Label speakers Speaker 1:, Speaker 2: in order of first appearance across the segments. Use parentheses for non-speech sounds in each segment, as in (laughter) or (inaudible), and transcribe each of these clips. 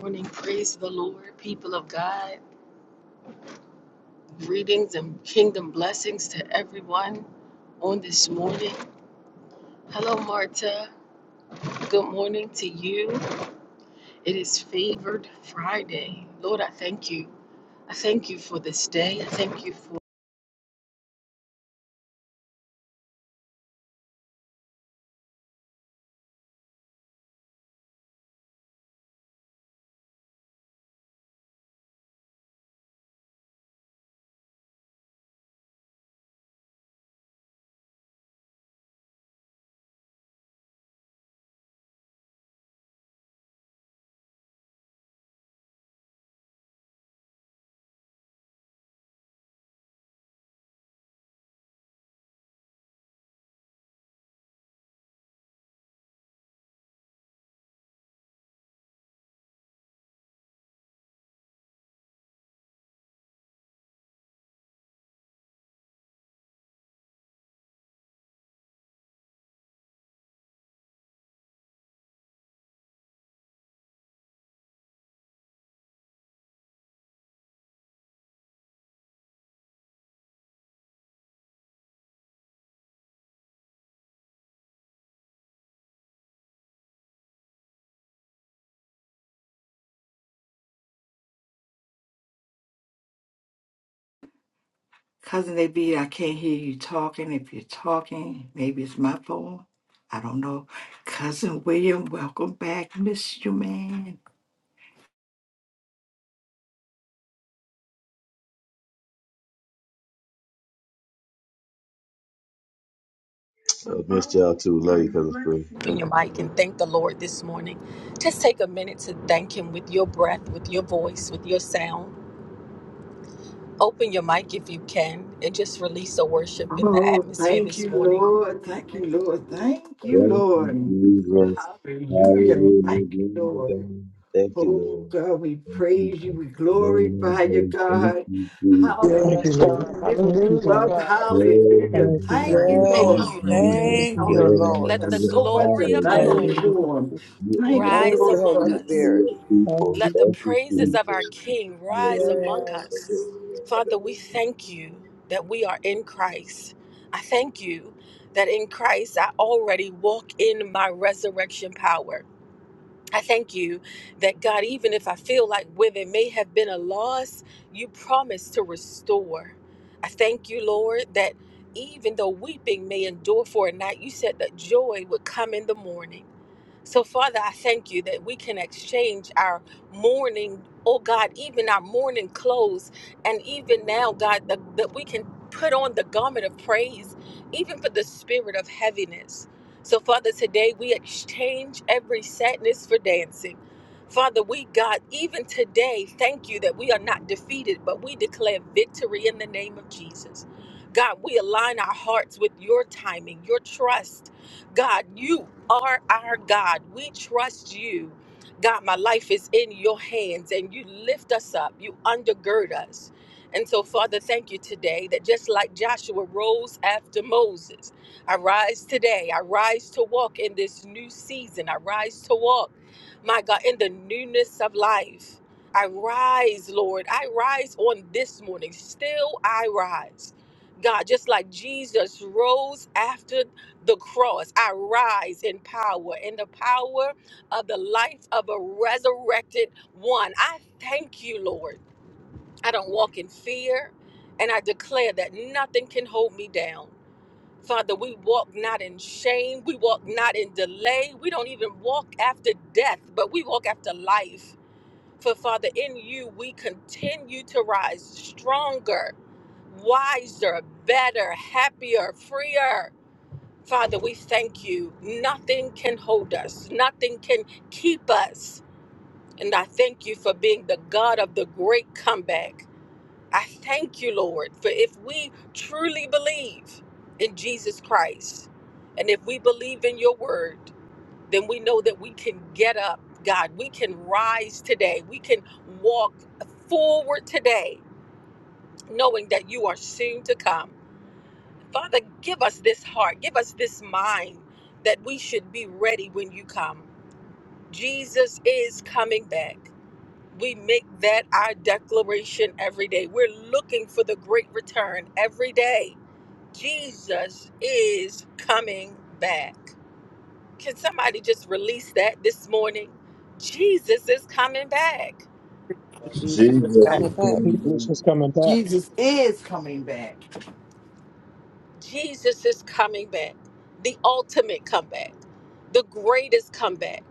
Speaker 1: Morning, praise the Lord, people of God. Greetings and kingdom blessings to everyone on this morning. Hello, Marta. Good morning to you. It is Favored Friday. Lord, I thank you. I thank you for this day. I thank you for.
Speaker 2: Cousin they be. I can't hear you talking. If you're talking, maybe it's my phone. I don't know. Cousin William, welcome back. Miss you, man.
Speaker 3: I missed y'all too. Love you, cousin Spring.
Speaker 1: Open
Speaker 3: Thank
Speaker 1: your
Speaker 3: you.
Speaker 1: mic and thank the Lord this morning. Just take a minute to thank Him with your breath, with your voice, with your sound. Open your mic if you can and just release a worship in the
Speaker 2: Oh,
Speaker 1: atmosphere
Speaker 2: thank
Speaker 1: this
Speaker 2: you,
Speaker 1: morning.
Speaker 2: Lord. Thank you, Lord. Thank you,
Speaker 3: Thank you,
Speaker 2: Lord.
Speaker 3: Jesus.
Speaker 2: Hallelujah. Thank
Speaker 3: Hallelujah.
Speaker 2: you,
Speaker 3: Glory to
Speaker 2: Lord.
Speaker 3: God. Thank you,
Speaker 2: Oh,
Speaker 3: Lord.
Speaker 2: God, we
Speaker 3: Thank you.
Speaker 2: praise you.
Speaker 3: Lord.
Speaker 2: We
Speaker 3: Very much,
Speaker 2: glorify you,
Speaker 3: Lord. Thank
Speaker 2: God.
Speaker 3: you, Jesus.
Speaker 2: Hallelujah.
Speaker 4: Thank you,
Speaker 5: Yes,
Speaker 4: Lord.
Speaker 2: We
Speaker 3: Hallelujah.
Speaker 5: God.
Speaker 2: lift
Speaker 4: Thank you,
Speaker 2: you
Speaker 5: Hallelujah,
Speaker 4: God.
Speaker 2: up.
Speaker 5: God.
Speaker 3: Glory
Speaker 2: Hallelujah.
Speaker 4: Thank
Speaker 3: to
Speaker 4: you,
Speaker 3: God.
Speaker 2: Thank
Speaker 4: God.
Speaker 2: you,
Speaker 3: Thank
Speaker 5: Yes,
Speaker 3: you,
Speaker 1: Thank
Speaker 2: Lord.
Speaker 1: you, Lord.
Speaker 3: Jesus.
Speaker 4: Lord, in
Speaker 5: thank
Speaker 4: your
Speaker 5: you,
Speaker 2: Hallelujah.
Speaker 4: name.
Speaker 5: Lord.
Speaker 1: Let the
Speaker 3: Hallelujah.
Speaker 2: So much to
Speaker 1: glory of the
Speaker 2: thank
Speaker 5: Yes,
Speaker 2: you
Speaker 3: Hallelujah.
Speaker 1: Lord
Speaker 4: Hallelujah,
Speaker 2: for.
Speaker 4: Jesus.
Speaker 3: You
Speaker 2: Thank
Speaker 3: are the
Speaker 2: you,
Speaker 5: thank
Speaker 1: rise
Speaker 5: you,
Speaker 2: Lord.
Speaker 3: Lord.
Speaker 5: Holy
Speaker 1: among
Speaker 2: God.
Speaker 3: You are
Speaker 1: us.
Speaker 5: Spirit.
Speaker 3: your people.
Speaker 1: Let the
Speaker 3: Thank
Speaker 4: Hallelujah,
Speaker 3: you,
Speaker 1: praises of our
Speaker 3: Jesus.
Speaker 4: Jesus.
Speaker 1: King
Speaker 3: Hallelujah.
Speaker 1: rise among
Speaker 5: Yes,
Speaker 1: us.
Speaker 3: Hallelujah.
Speaker 1: Father, we
Speaker 3: Hallelujah.
Speaker 1: thank you that we are in Christ. I thank you that in Christ I already walk in my resurrection power. I thank you that God, even if I feel like where there may have been a loss, you promise to restore. I thank you, Lord, that even though weeping may endure for a night, you said that joy would come in the morning. So, Father, I thank you that we can exchange our mourning, oh God, even our mourning clothes, and even now, God, that, that we can put on the garment of praise, even for the spirit of heaviness. So, Father, today we exchange every sadness for dancing. Father, we, God, even today, thank you that we are not defeated, but we declare victory in the name of Jesus. God, we align our hearts with your timing, your trust. God, you are our God. We trust you. God, my life is in your hands, and you lift us up, you undergird us. And so, Father, thank you today that just like Joshua rose after Moses, I rise today. I rise to walk in this new season. I rise to walk, my God, in the newness of life. I rise, Lord. I rise on this morning. Still, I rise. God, just like Jesus rose after the cross, I rise in power, in the power of the life of a resurrected one. I thank you, Lord. I don't walk in fear, and I declare that nothing can hold me down. Father, we walk not in shame. We walk not in delay. We don't even walk after death, but we walk after life. For Father, in you, we continue to rise stronger, wiser, better, happier, freer. Father, we thank you. Nothing can hold us, nothing can keep us. And I thank you for being the God of the great comeback. I thank you, Lord, for if we truly believe in Jesus Christ and if we believe in your word, then we know that we can get up, God. We can rise today. We can walk forward today, knowing that you are soon to come. Father, give us this heart, give us this mind that we should be ready when you come. Jesus is coming back we make that our declaration every day. We're looking for the great return every day. Jesus is coming back. Can somebody just release that this morning? Jesus is coming back.
Speaker 5: Jesus
Speaker 6: coming
Speaker 5: is
Speaker 3: Jesus is
Speaker 6: back.
Speaker 5: coming back.
Speaker 3: coming
Speaker 4: Jesus
Speaker 3: back.
Speaker 4: is coming back.
Speaker 2: Jesus is coming back.
Speaker 1: Jesus is coming back, the ultimate comeback, the greatest comeback.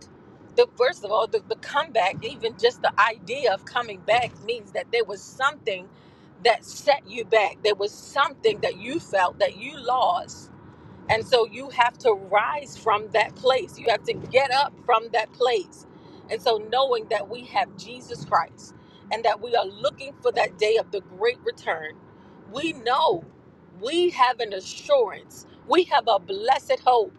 Speaker 1: The first of all, the, the comeback, even just the idea of coming back means that there was something that set you back. There was something that you felt that you lost and so you have to rise from that place. You have to get up from that place. And so knowing that we have Jesus Christ and that we are looking for that day of the great return, we know we have an assurance. We have a blessed hope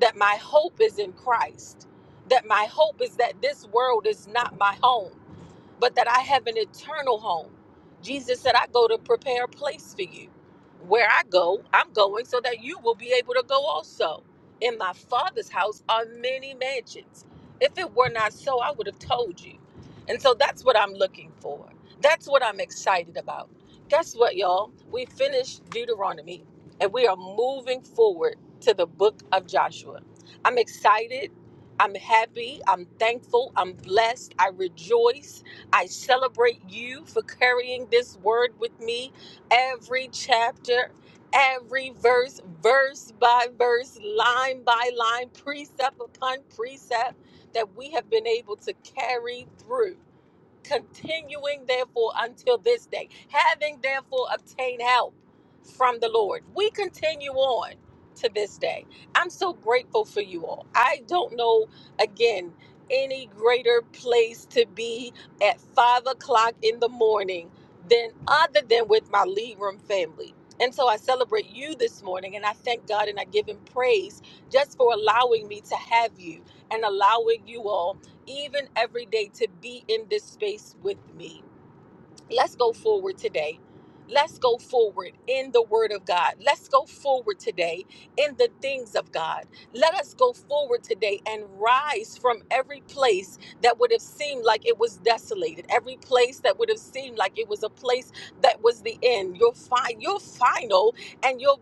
Speaker 1: that my hope is in Christ, that my hope is that this world is not my home but that I have an eternal home. Jesus said, I go to prepare a place for you. Where I go, I'm going so that you will be able to go also. In my Father's house are many mansions. If it were not so, I would have told you. And so that's what I'm looking for. That's what I'm excited about. Guess what, y'all? We finished Deuteronomy and we are moving forward to the book of Joshua. I'm excited. I'm happy. I'm thankful. I'm blessed. I rejoice. I celebrate you for carrying this word with me every chapter, every verse, verse by verse, line by line, precept upon precept that we have been able to carry through continuing therefore until this day, having therefore obtained help from the Lord. We continue on to this day. I'm so grateful for you all. I don't know, again, any greater place to be at five o'clock in the morning than other than with my lead room family. And so I celebrate you this morning and I thank God and I give him praise just for allowing me to have you and allowing you all even every day to be in this space with me. Let's go forward today. Let's go forward in the Word of God. Let's go forward today in the things of God. Let us go forward today and rise from every place that would have seemed like it was desolated, every place that would have seemed like it was a place that was the end. Your, fi- your final and your,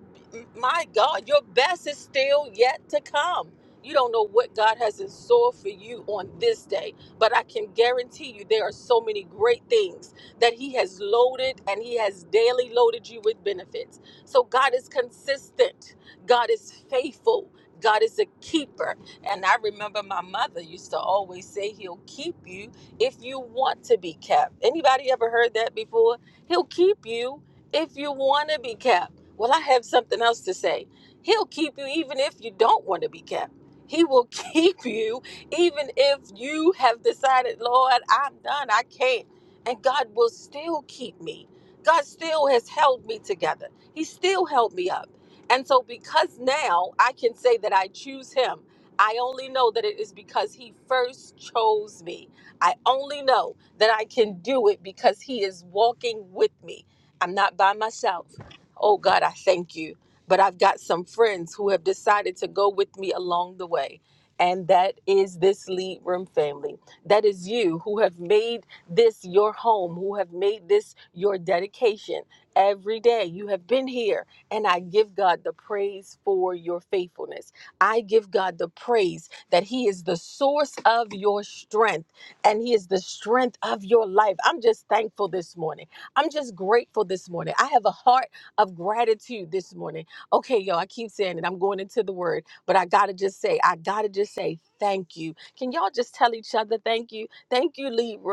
Speaker 1: my God, your best is still yet to come. You don't know what God has in store for you on this day, but I can guarantee you there are so many great things that He has loaded and He has daily loaded you with benefits. So God is consistent, God is faithful. God is a keeper. And I remember my mother used to always say he'll keep you if you want to be kept. Anybody ever heard that before? He'll keep you if you want to be kept. Well, I have something else to say. He'll keep you even if you don't want to be kept. He will (laughs) keep you even if you have decided, Lord, I'm done. I can't and God will still keep me. God still has held me together. He still held me up. And so, because now I can say that I choose Him, I only know that it is because He first chose me. I only know that I can do it because He is walking with me. I'm not by myself. Oh, God, I thank you. But I've got some friends who have decided to go with me along the way. And that is this Lead Room family. That is you who have made this your home, who have made this your dedication every day. You have been here, and I give God the praise for your faithfulness. I give God the praise that He is the source of your strength and He is the strength of your life. I'm just thankful this morning. I'm just grateful this morning. I have a heart of gratitude this morning. Okay, yo, I keep saying it. I'm going into the word, but I gotta just say, I gotta just say thank you. Can y'all just tell each other thank you? Thank you, Libram.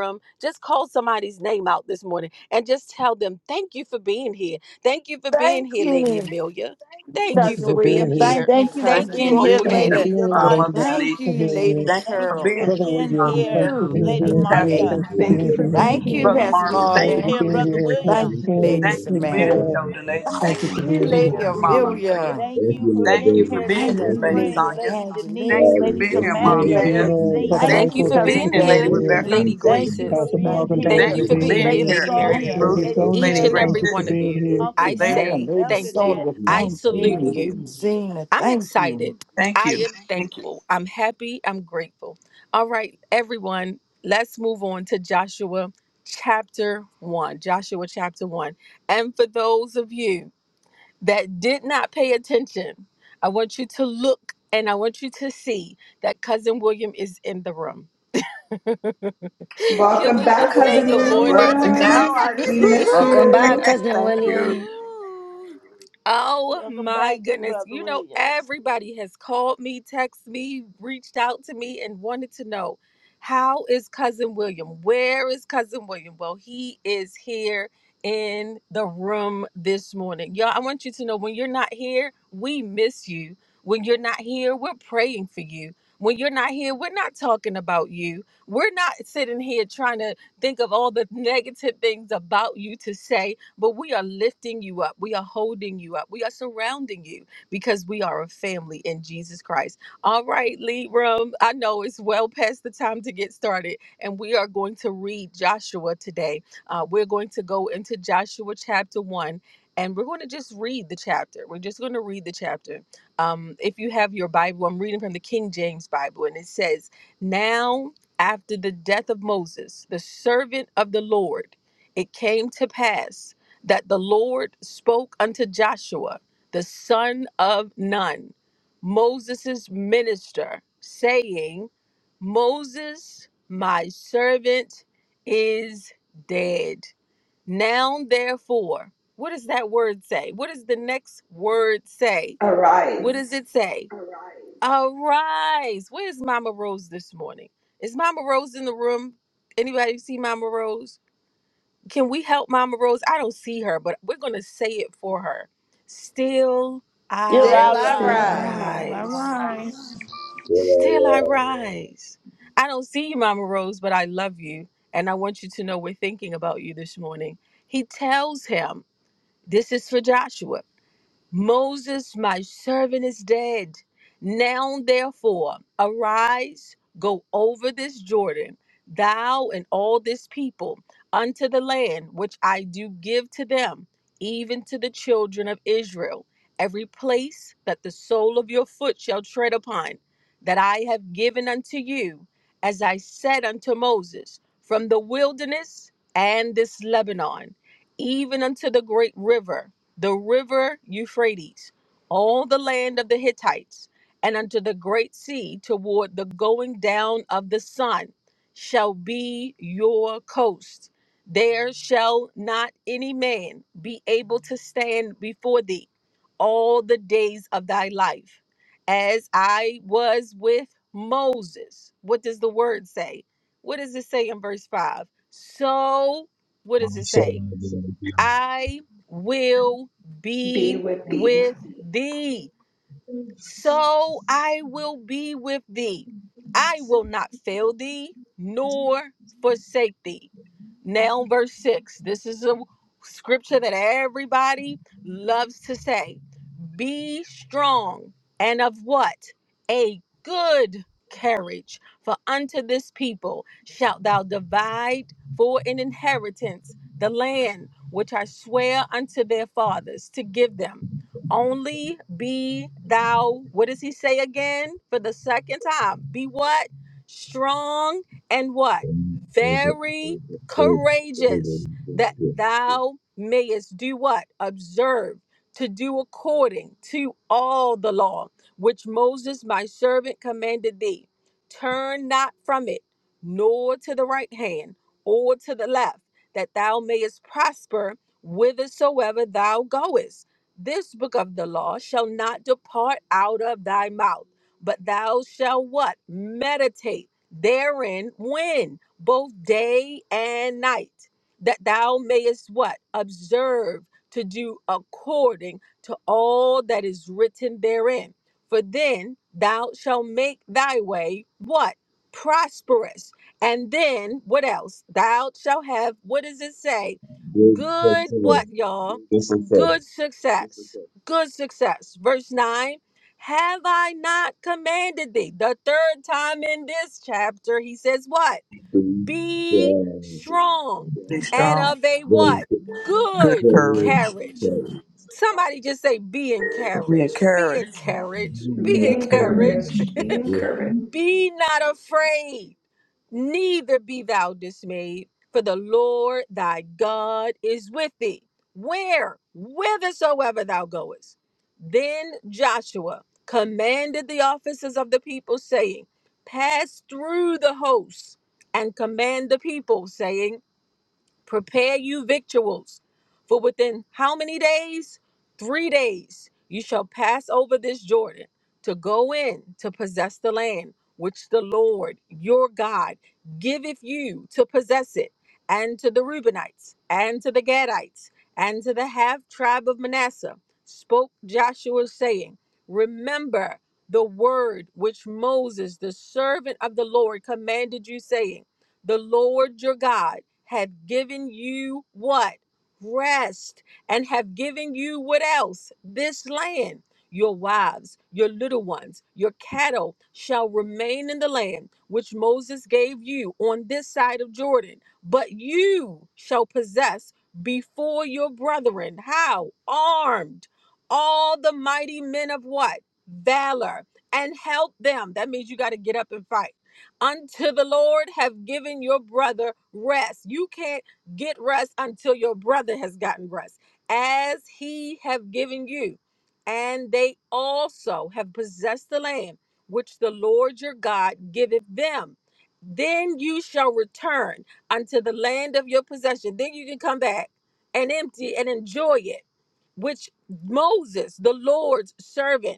Speaker 1: Just call somebody's name out this morning and just tell them, thank you for being here. Thank you for being
Speaker 2: Thank
Speaker 1: here, Lady
Speaker 2: you,
Speaker 1: Amelia. Thank
Speaker 4: Thank
Speaker 1: you
Speaker 4: you
Speaker 2: Cousin
Speaker 1: for
Speaker 4: for
Speaker 1: being
Speaker 2: William.
Speaker 4: being here.
Speaker 2: Thank
Speaker 1: here.
Speaker 2: you,
Speaker 7: Thank you for
Speaker 5: Thank
Speaker 1: Thank
Speaker 5: you
Speaker 2: Cousin
Speaker 5: for
Speaker 7: being
Speaker 1: you,
Speaker 7: here,
Speaker 5: being
Speaker 1: Uncle
Speaker 4: Thank you for
Speaker 5: here,
Speaker 2: David.
Speaker 7: Lady
Speaker 1: Natty.
Speaker 6: Yeah.
Speaker 4: being
Speaker 5: uh,
Speaker 4: here,
Speaker 5: Mother
Speaker 4: lady.
Speaker 7: Yolanda.
Speaker 2: Thank
Speaker 5: Denise.
Speaker 4: And
Speaker 2: you,
Speaker 4: we're here.
Speaker 2: Lady
Speaker 5: Thank you
Speaker 7: Thank
Speaker 5: for
Speaker 7: you
Speaker 2: Carol.
Speaker 5: being
Speaker 7: for
Speaker 5: here,
Speaker 4: Brother
Speaker 7: being
Speaker 5: uh,
Speaker 4: William, thanks
Speaker 7: here,
Speaker 4: for
Speaker 2: Ooh,
Speaker 3: Thank
Speaker 4: being
Speaker 3: you
Speaker 7: Lady
Speaker 2: Cousin
Speaker 4: here.
Speaker 3: for
Speaker 5: Pastor
Speaker 4: Denise,
Speaker 2: Nate.
Speaker 3: having me
Speaker 7: Martha.
Speaker 4: thanks for
Speaker 3: being
Speaker 8: Thank
Speaker 4: being
Speaker 8: you
Speaker 3: here.
Speaker 8: for
Speaker 4: here.
Speaker 3: Thank
Speaker 8: being
Speaker 3: you,
Speaker 2: Thank you,
Speaker 3: Lord, for
Speaker 5: Brother
Speaker 8: here.
Speaker 7: Thank
Speaker 2: Pastor
Speaker 7: you for
Speaker 5: Marvin.
Speaker 3: being
Speaker 5: Thank
Speaker 4: Thank you
Speaker 7: being
Speaker 3: here.
Speaker 4: for
Speaker 5: you
Speaker 2: Marvin.
Speaker 5: for
Speaker 7: here,
Speaker 4: being
Speaker 3: Thank
Speaker 5: being
Speaker 7: Brother
Speaker 3: you
Speaker 4: here.
Speaker 3: for
Speaker 5: here.
Speaker 4: Cousin
Speaker 2: Thank
Speaker 7: William.
Speaker 3: being
Speaker 2: you,
Speaker 3: here.
Speaker 2: Lady
Speaker 4: Spring,
Speaker 5: Thank
Speaker 3: Thank
Speaker 5: you
Speaker 4: Lady
Speaker 5: for
Speaker 3: you,
Speaker 5: being here,
Speaker 2: Samantha.
Speaker 3: Sarah.
Speaker 4: Carl,
Speaker 5: Elder
Speaker 3: Thank
Speaker 5: Nate.
Speaker 3: you,
Speaker 2: Thank
Speaker 4: thank
Speaker 5: Thank
Speaker 4: you
Speaker 5: you
Speaker 4: for
Speaker 3: Jimmy.
Speaker 5: for
Speaker 2: you,
Speaker 3: Thank
Speaker 5: being
Speaker 4: being here.
Speaker 3: you,
Speaker 2: Lady
Speaker 5: here,
Speaker 3: Amelia.
Speaker 5: Mama Amelia.
Speaker 2: Amelia.
Speaker 7: Thank
Speaker 3: Thank
Speaker 7: you
Speaker 3: you,
Speaker 7: for
Speaker 3: my
Speaker 5: Thank you
Speaker 7: being
Speaker 5: for
Speaker 3: baby.
Speaker 7: here,
Speaker 5: being
Speaker 2: Thank
Speaker 7: Lady
Speaker 5: here,
Speaker 3: Thank
Speaker 2: you,
Speaker 3: you,
Speaker 5: Lady
Speaker 7: Spring,
Speaker 2: Lady
Speaker 5: Sonia.
Speaker 7: Lady
Speaker 5: Thank
Speaker 7: Denise,
Speaker 5: you
Speaker 2: Angeline.
Speaker 3: Tyler.
Speaker 5: for
Speaker 7: Lady
Speaker 5: being
Speaker 3: Thank
Speaker 5: here,
Speaker 2: Lady
Speaker 3: you,
Speaker 5: Mom
Speaker 4: Lady
Speaker 7: Samantha,
Speaker 3: Dave,
Speaker 5: Deb.
Speaker 2: Rebecca.
Speaker 7: Lady
Speaker 4: Zena,
Speaker 3: Davina.
Speaker 4: Brother
Speaker 7: Zena.
Speaker 2: Thank
Speaker 5: Thank
Speaker 1: Thank you
Speaker 2: you,
Speaker 5: you
Speaker 4: Michael,
Speaker 1: for
Speaker 5: for
Speaker 4: thank you
Speaker 5: being
Speaker 2: Cousin
Speaker 4: for
Speaker 1: being
Speaker 5: here,
Speaker 4: being
Speaker 5: Lady
Speaker 1: here,
Speaker 3: Thank
Speaker 4: here.
Speaker 3: you,
Speaker 2: Debbie.
Speaker 5: Rebecca.
Speaker 1: Lady
Speaker 3: Jim
Speaker 7: Thank
Speaker 3: Thornton.
Speaker 7: you
Speaker 1: Graces.
Speaker 7: for
Speaker 4: Pastor
Speaker 3: Thank you,
Speaker 7: being
Speaker 2: Thank
Speaker 4: Marvin,
Speaker 2: you,
Speaker 3: Jimmy
Speaker 4: thank
Speaker 1: Thank
Speaker 4: you
Speaker 7: here,
Speaker 5: Thank
Speaker 1: you
Speaker 4: for
Speaker 5: you
Speaker 1: for
Speaker 2: Lady
Speaker 3: Green.
Speaker 5: for
Speaker 7: (clears throat)
Speaker 1: being
Speaker 4: being
Speaker 5: being
Speaker 1: here,
Speaker 7: Lady
Speaker 4: here.
Speaker 2: Jane.
Speaker 1: Lady
Speaker 5: here,
Speaker 3: Thank
Speaker 5: Lady
Speaker 3: you,
Speaker 2: Thank
Speaker 7: Sonia,
Speaker 1: Marianne.
Speaker 2: you,
Speaker 3: God.
Speaker 4: Lady
Speaker 5: Ruth,
Speaker 2: Lady
Speaker 7: Lady
Speaker 3: Thank you,
Speaker 1: Each
Speaker 5: Lady
Speaker 4: Sonia,
Speaker 1: and
Speaker 3: Sarah.
Speaker 2: Jane.
Speaker 3: Thank
Speaker 4: thank
Speaker 1: every
Speaker 7: Carol,
Speaker 4: you for
Speaker 1: one
Speaker 5: Gracious,
Speaker 1: of
Speaker 3: you,
Speaker 4: being
Speaker 1: you,
Speaker 3: thank
Speaker 4: here.
Speaker 7: Uncle
Speaker 3: you
Speaker 1: I
Speaker 5: Lady.
Speaker 2: Amen.
Speaker 7: Natty,
Speaker 1: say
Speaker 2: Lady
Speaker 7: Elder
Speaker 3: for
Speaker 1: thank
Speaker 3: the
Speaker 1: you.
Speaker 2: Sonia,
Speaker 7: Natty.
Speaker 3: team.
Speaker 1: I
Speaker 2: thank
Speaker 1: salute
Speaker 2: you.
Speaker 3: Hallelujah.
Speaker 1: you.
Speaker 2: Lady Zena,
Speaker 1: I'm
Speaker 2: thank you.
Speaker 1: excited.
Speaker 5: Thank
Speaker 1: I
Speaker 5: you,
Speaker 1: am
Speaker 5: thank you.
Speaker 1: thankful. I'm happy. I'm grateful. All right, everyone, let's move on to Joshua chapter 1. Joshua chapter 1. And for those of you that did not pay attention, I want you to look and I want you to see that cousin William is in the room. (laughs)
Speaker 9: Hey,
Speaker 1: Can
Speaker 8: Welcome
Speaker 1: we
Speaker 9: cousin
Speaker 8: back,
Speaker 1: just say
Speaker 9: William,
Speaker 8: cousin
Speaker 1: good
Speaker 5: Look,
Speaker 1: morning
Speaker 9: welcome
Speaker 1: to
Speaker 9: back.
Speaker 5: now
Speaker 8: William.
Speaker 5: I
Speaker 9: I
Speaker 1: cousin? (laughs)
Speaker 8: We
Speaker 9: miss
Speaker 8: miss
Speaker 9: you.
Speaker 2: Woohoo!
Speaker 10: Welcome
Speaker 5: see.
Speaker 10: back,
Speaker 8: you.
Speaker 5: (laughs)
Speaker 10: cousin
Speaker 5: thank you.
Speaker 10: William.
Speaker 1: Oh
Speaker 7: Welcome
Speaker 1: my
Speaker 7: back,
Speaker 1: goodness.
Speaker 7: Brother
Speaker 1: You know,
Speaker 7: William.
Speaker 1: everybody has called me, texted me, reached out to me, and wanted to know how is Cousin William? Where is Cousin William? Well, he is here in the room this morning. Y'all, I want you to know when you're not here, we miss you. When you're not here, we're praying for you. When you're not here, we're not talking about you. We're not sitting here trying to think of all the (laughs) negative things about you to say but we are lifting you up. We are holding you up. We are surrounding you because we are a family in Jesus Christ. All right, lead room. I know it's well past the time to get started, and we are going to read Joshua today. Uh, we're going to go into Joshua chapter 1. And we're going to just read the chapter. We're just going to read the chapter. Um, if you have your Bible, I'm reading from the King James Bible, and it says, Now after the death of Moses, the servant of the Lord, it came to pass that the Lord spoke unto Joshua, the son of Nun, Moses' minister, saying, Moses, my servant, is dead. Now, therefore, what does that word say? What does the next word say? What does
Speaker 8: Arise.
Speaker 1: it say? Arise. Where's Mama Rose this morning? Is Mama Rose in the room? Anybody see Mama Rose? Can we help Mama Rose? I don't see her, but we're going to say it for her. Still
Speaker 7: Still
Speaker 2: Still
Speaker 7: I
Speaker 1: I
Speaker 2: I
Speaker 8: Still I
Speaker 7: rise.
Speaker 2: rise.
Speaker 9: All
Speaker 8: rise.
Speaker 1: rise.
Speaker 9: right.
Speaker 3: Well,
Speaker 1: Still I
Speaker 3: I,
Speaker 1: rise. I don't see you, Mama Rose, but I love you. And I want you to know we're thinking about you this morning. He tells him, This is for Joshua. Moses, my servant, is dead. Now, therefore, arise, go over this Jordan, thou and all this people, unto the land which I do give to them, even to the children of Israel, every place that the sole of your foot shall tread upon, that I have given unto you, as I said unto Moses, from the wilderness and this Lebanon, even unto the great river the river Euphrates, all the land of the Hittites, and unto the great sea toward the going down of the sun shall be your coast. There shall not any man be able to stand before thee all the days of thy life. As I was with Moses. What does the word say? What does it say in verse 5? So, what does
Speaker 3: uh,
Speaker 1: it
Speaker 3: shall
Speaker 1: say?
Speaker 3: I be with you?
Speaker 1: I will
Speaker 8: Be
Speaker 1: be
Speaker 8: with thee.
Speaker 1: with thee. So I will be with thee. I will not fail thee nor forsake thee. Now, verse 6. This is a scripture that everybody loves to say. Be strong and of what? A good carriage! For unto this people shalt thou divide for an inheritance the land which I swear unto their fathers to give them. Only be thou, what does he say again for the second time? Be what? Strong and what?
Speaker 3: And, uh, the,
Speaker 1: Very
Speaker 3: the, the, the,
Speaker 1: courageous that
Speaker 3: the
Speaker 1: thou mayest do what? Observe to do according to all the law which Moses my servant commanded thee. Turn not from it, nor to the right hand, or to the left, that thou mayest prosper whithersoever thou goest. This book of the law shall not depart out of thy mouth, but thou shalt what? Meditate therein when? Both day and night, that thou mayest what? Observe to do according to all that is written therein. For then thou shalt make thy way what? Prosperous. And then what else? Thou shalt have, what does it say?
Speaker 3: good
Speaker 1: Good,
Speaker 3: person
Speaker 1: what,
Speaker 3: is,
Speaker 1: y'all?
Speaker 3: this is her.
Speaker 1: Good success. Good success. Verse 9 Have I not commanded thee? The third time in this chapter, he says, What?
Speaker 3: the
Speaker 1: Be
Speaker 3: uh,
Speaker 1: strong
Speaker 5: Be
Speaker 1: and
Speaker 5: strong,
Speaker 1: of a
Speaker 3: the
Speaker 1: what?
Speaker 3: the
Speaker 5: good
Speaker 1: Good
Speaker 3: the
Speaker 5: courage.
Speaker 1: carriage. Somebody just say, be
Speaker 5: Be
Speaker 1: encouraged, be
Speaker 5: encouraged.
Speaker 1: encouraged,
Speaker 8: Be
Speaker 1: be encouraged. (laughs)
Speaker 8: encouraged. Be encouraged.
Speaker 1: Be not afraid, neither be thou dismayed, for the Lord thy God is with thee, where, whithersoever thou goest. Then Joshua commanded the officers of the people, saying, Pass through the hosts and command the people, saying, Prepare you victuals, for within how many days? Three days you shall pass over this Jordan to go in to possess the land which the Lord your God giveth you to possess it, and to the Reubenites, and to the Gadites, and to the half tribe of Manasseh, spoke Joshua, saying, Remember the word which Moses, the servant of the Lord, commanded you, saying, the Lord your God have given you what? Rest and have given you what else? This land. Your wives, your little ones, your cattle shall remain in the land which Moses gave you on this side of Jordan, but you shall possess before your brethren. How? Armed. All the mighty men of what? Valor. And help them. That means you got to get up and fight unto the Lord have given your brother rest. You can't get rest until your brother has gotten rest, as he have given you. And they also have possessed the land which the Lord your God giveth them. Then you shall return unto the land of your possession. Then you can come back and empty and enjoy it, which Moses, the Lord's servant,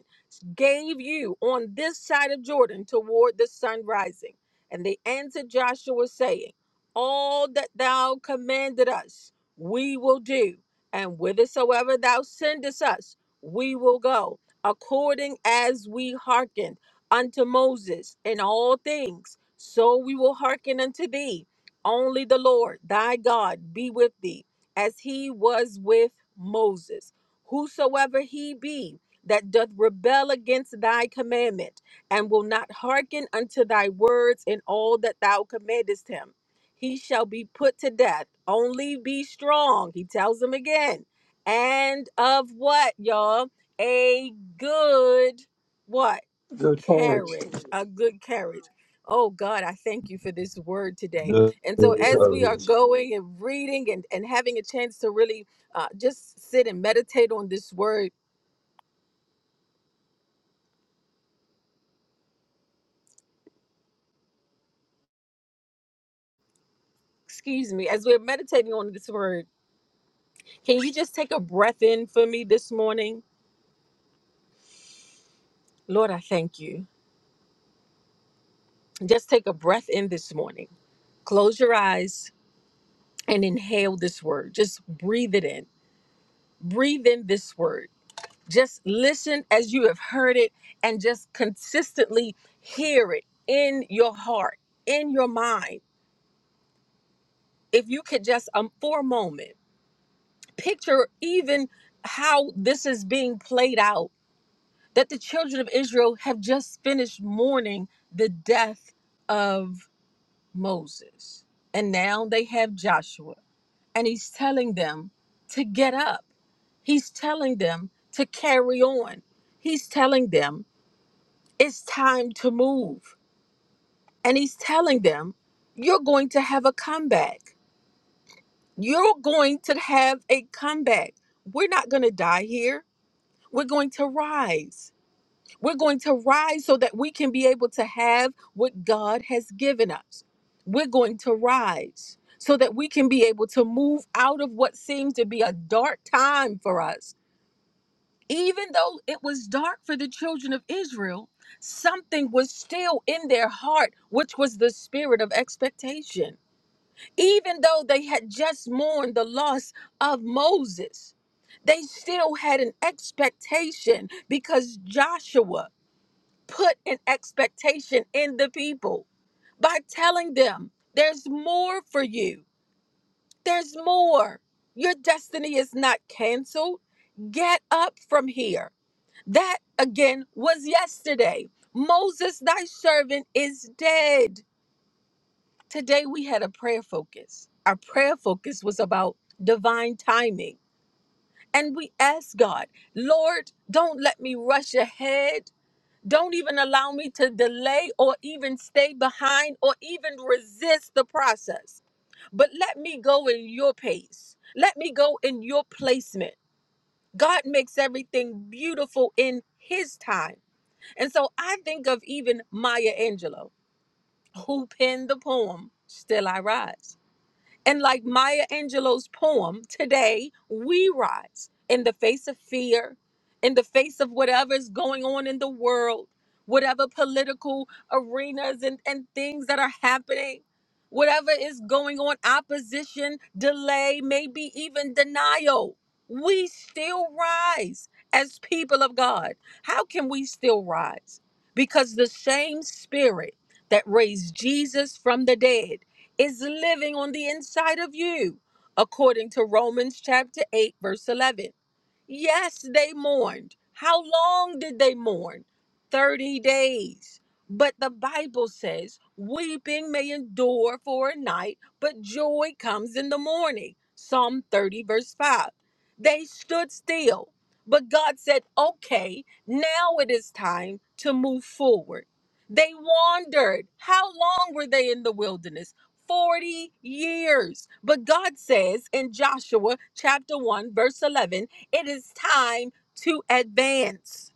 Speaker 1: Christ gave you on this side of Jordan toward the sun rising. And they answered Joshua, saying, All that thou commanded us, we will do, and whithersoever thou sendest us, we will go, according as we hearkened unto Moses in all things, so we will hearken unto thee. Only the Lord thy God be with thee, as he was with Moses. Whosoever he be, that doth rebel against thy commandment, and will not hearken unto thy words in all that thou commandest him. He shall be put to death. Only be strong, he tells him again. And of what, y'all? A good what?
Speaker 4: Good courage.
Speaker 1: Carriage. A good carriage. Oh God, I thank you for this word today. And so as we are going and reading and, and having a chance to really uh, just sit and meditate on this word, excuse me, as we're meditating on this word, can you just take a breath in for me this morning? Lord, I thank you. Just take a breath in this morning. Close your eyes and inhale this word. Just breathe it in. Breathe in this word. Just listen as you have heard it and just consistently hear it in your heart, in your mind. If you could just, um, for a moment, picture even how this is being played out that the children of Israel have just finished mourning the death of Moses. And now they have Joshua, and he's telling them to get up. He's telling them to carry on. He's telling them it's time to move. And he's telling them, you're going to have a comeback. You're going to have a comeback. We're not going to die here. We're going to rise We're going to rise so that we can be able to have what God has given us. We're going to rise so that we can be able to move out of what seems to be a dark time for us. Even though it was dark for the children of Israel, something was still in their heart, which was the spirit of expectation. Even though they had just mourned the loss of Moses, they still had an expectation because Joshua put an expectation in the people by telling them there's more for you. There's more. Your destiny is not canceled. Get up from here. That again was yesterday. Moses, thy servant, is dead. Today we had a prayer focus. Our prayer focus was about divine timing. And we asked God, Lord, don't let me rush ahead Don't even allow me to delay or even stay behind or even resist the process. But let me go in your pace. Let me go in your placement. God makes everything beautiful in his time. And so I think of even Maya Angelou, who penned the poem, Still I Rise. And like Maya Angelou's poem, today we rise in the face of fear, in the face of whatever's going on in the world, whatever political arenas and, and things that are happening, whatever is going on, opposition, delay, maybe even denial. We still rise as people of God. How can we still rise? Because the same spirit that raised Jesus from the dead is living on the inside of you, according to Romans chapter 8, verse 11. Yes, they mourned. How long did they mourn? 30 days. But the Bible says, weeping may endure for a night, but joy comes in the morning. Psalm 30, verse 5. They stood still, but God said, okay, now it is time to move forward. They wandered. How long were they in the wilderness? 40 years. But God says in Joshua chapter 1, verse 11, it is time to advance.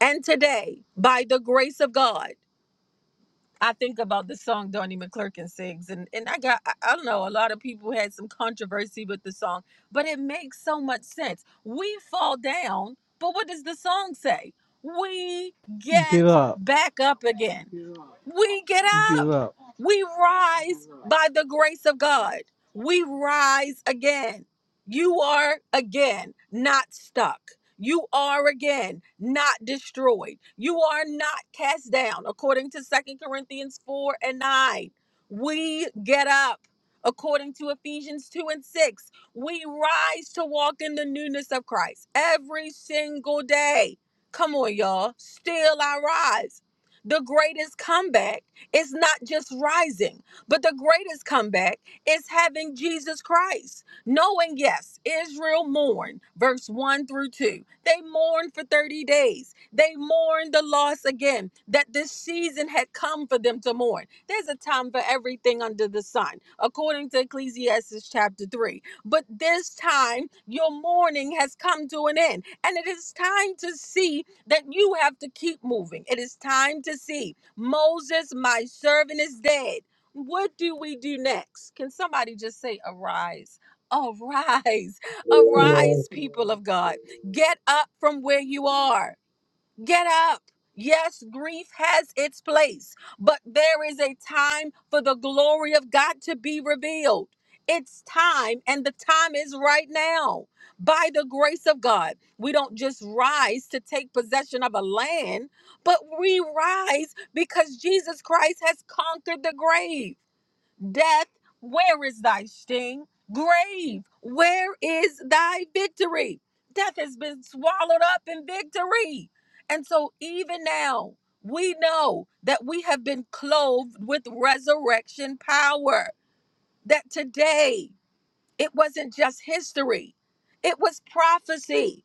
Speaker 1: And today, by the grace of God, I think about the song Donnie McClurkin sings, and and I got I I don't know a lot of people had some controversy with the song, but it makes so much sense. We fall down, but what does the song say? We
Speaker 11: Get
Speaker 1: get
Speaker 11: up.
Speaker 1: back up again. Get up. We get
Speaker 11: Get
Speaker 1: up.
Speaker 11: up.
Speaker 1: We rise Get up. by the grace of God. We rise again. You are again not stuck. You are again not destroyed. You are not cast down, according to Second Corinthians 4 and 9. We get up, according to Ephesians 2 and 6. We rise to walk in the newness of Christ every single day. Come on, y'all. Still, I rise. The greatest comeback is not just rising, but the greatest comeback is having Jesus Christ. Knowing, yes, Israel mourned, verse 1 through 2. They mourned for 30 days. They mourned the loss again, that this season had come for them to mourn. There's a time for everything under the sun, according to Ecclesiastes chapter 3. But this time, your mourning has come to an end, and it is time to see that you have to keep moving. It is time to see Moses, my servant, is dead. What do we do next? Can somebody just say, Arise? Arise,
Speaker 4: Right.
Speaker 1: arise, people of God. Get up from where you are. Get up. Yes, grief has its place, but there is a time for the glory of God to be revealed. It's time, and the time is right now. By the grace of God, we don't just rise to take possession of a land, but we rise because Jesus Christ has conquered the grave. Death, where is thy sting? Grave, where is thy victory? Death has been swallowed up in victory. And so, even now, we know that we have been clothed with resurrection power. That today, it wasn't just history, it was prophecy.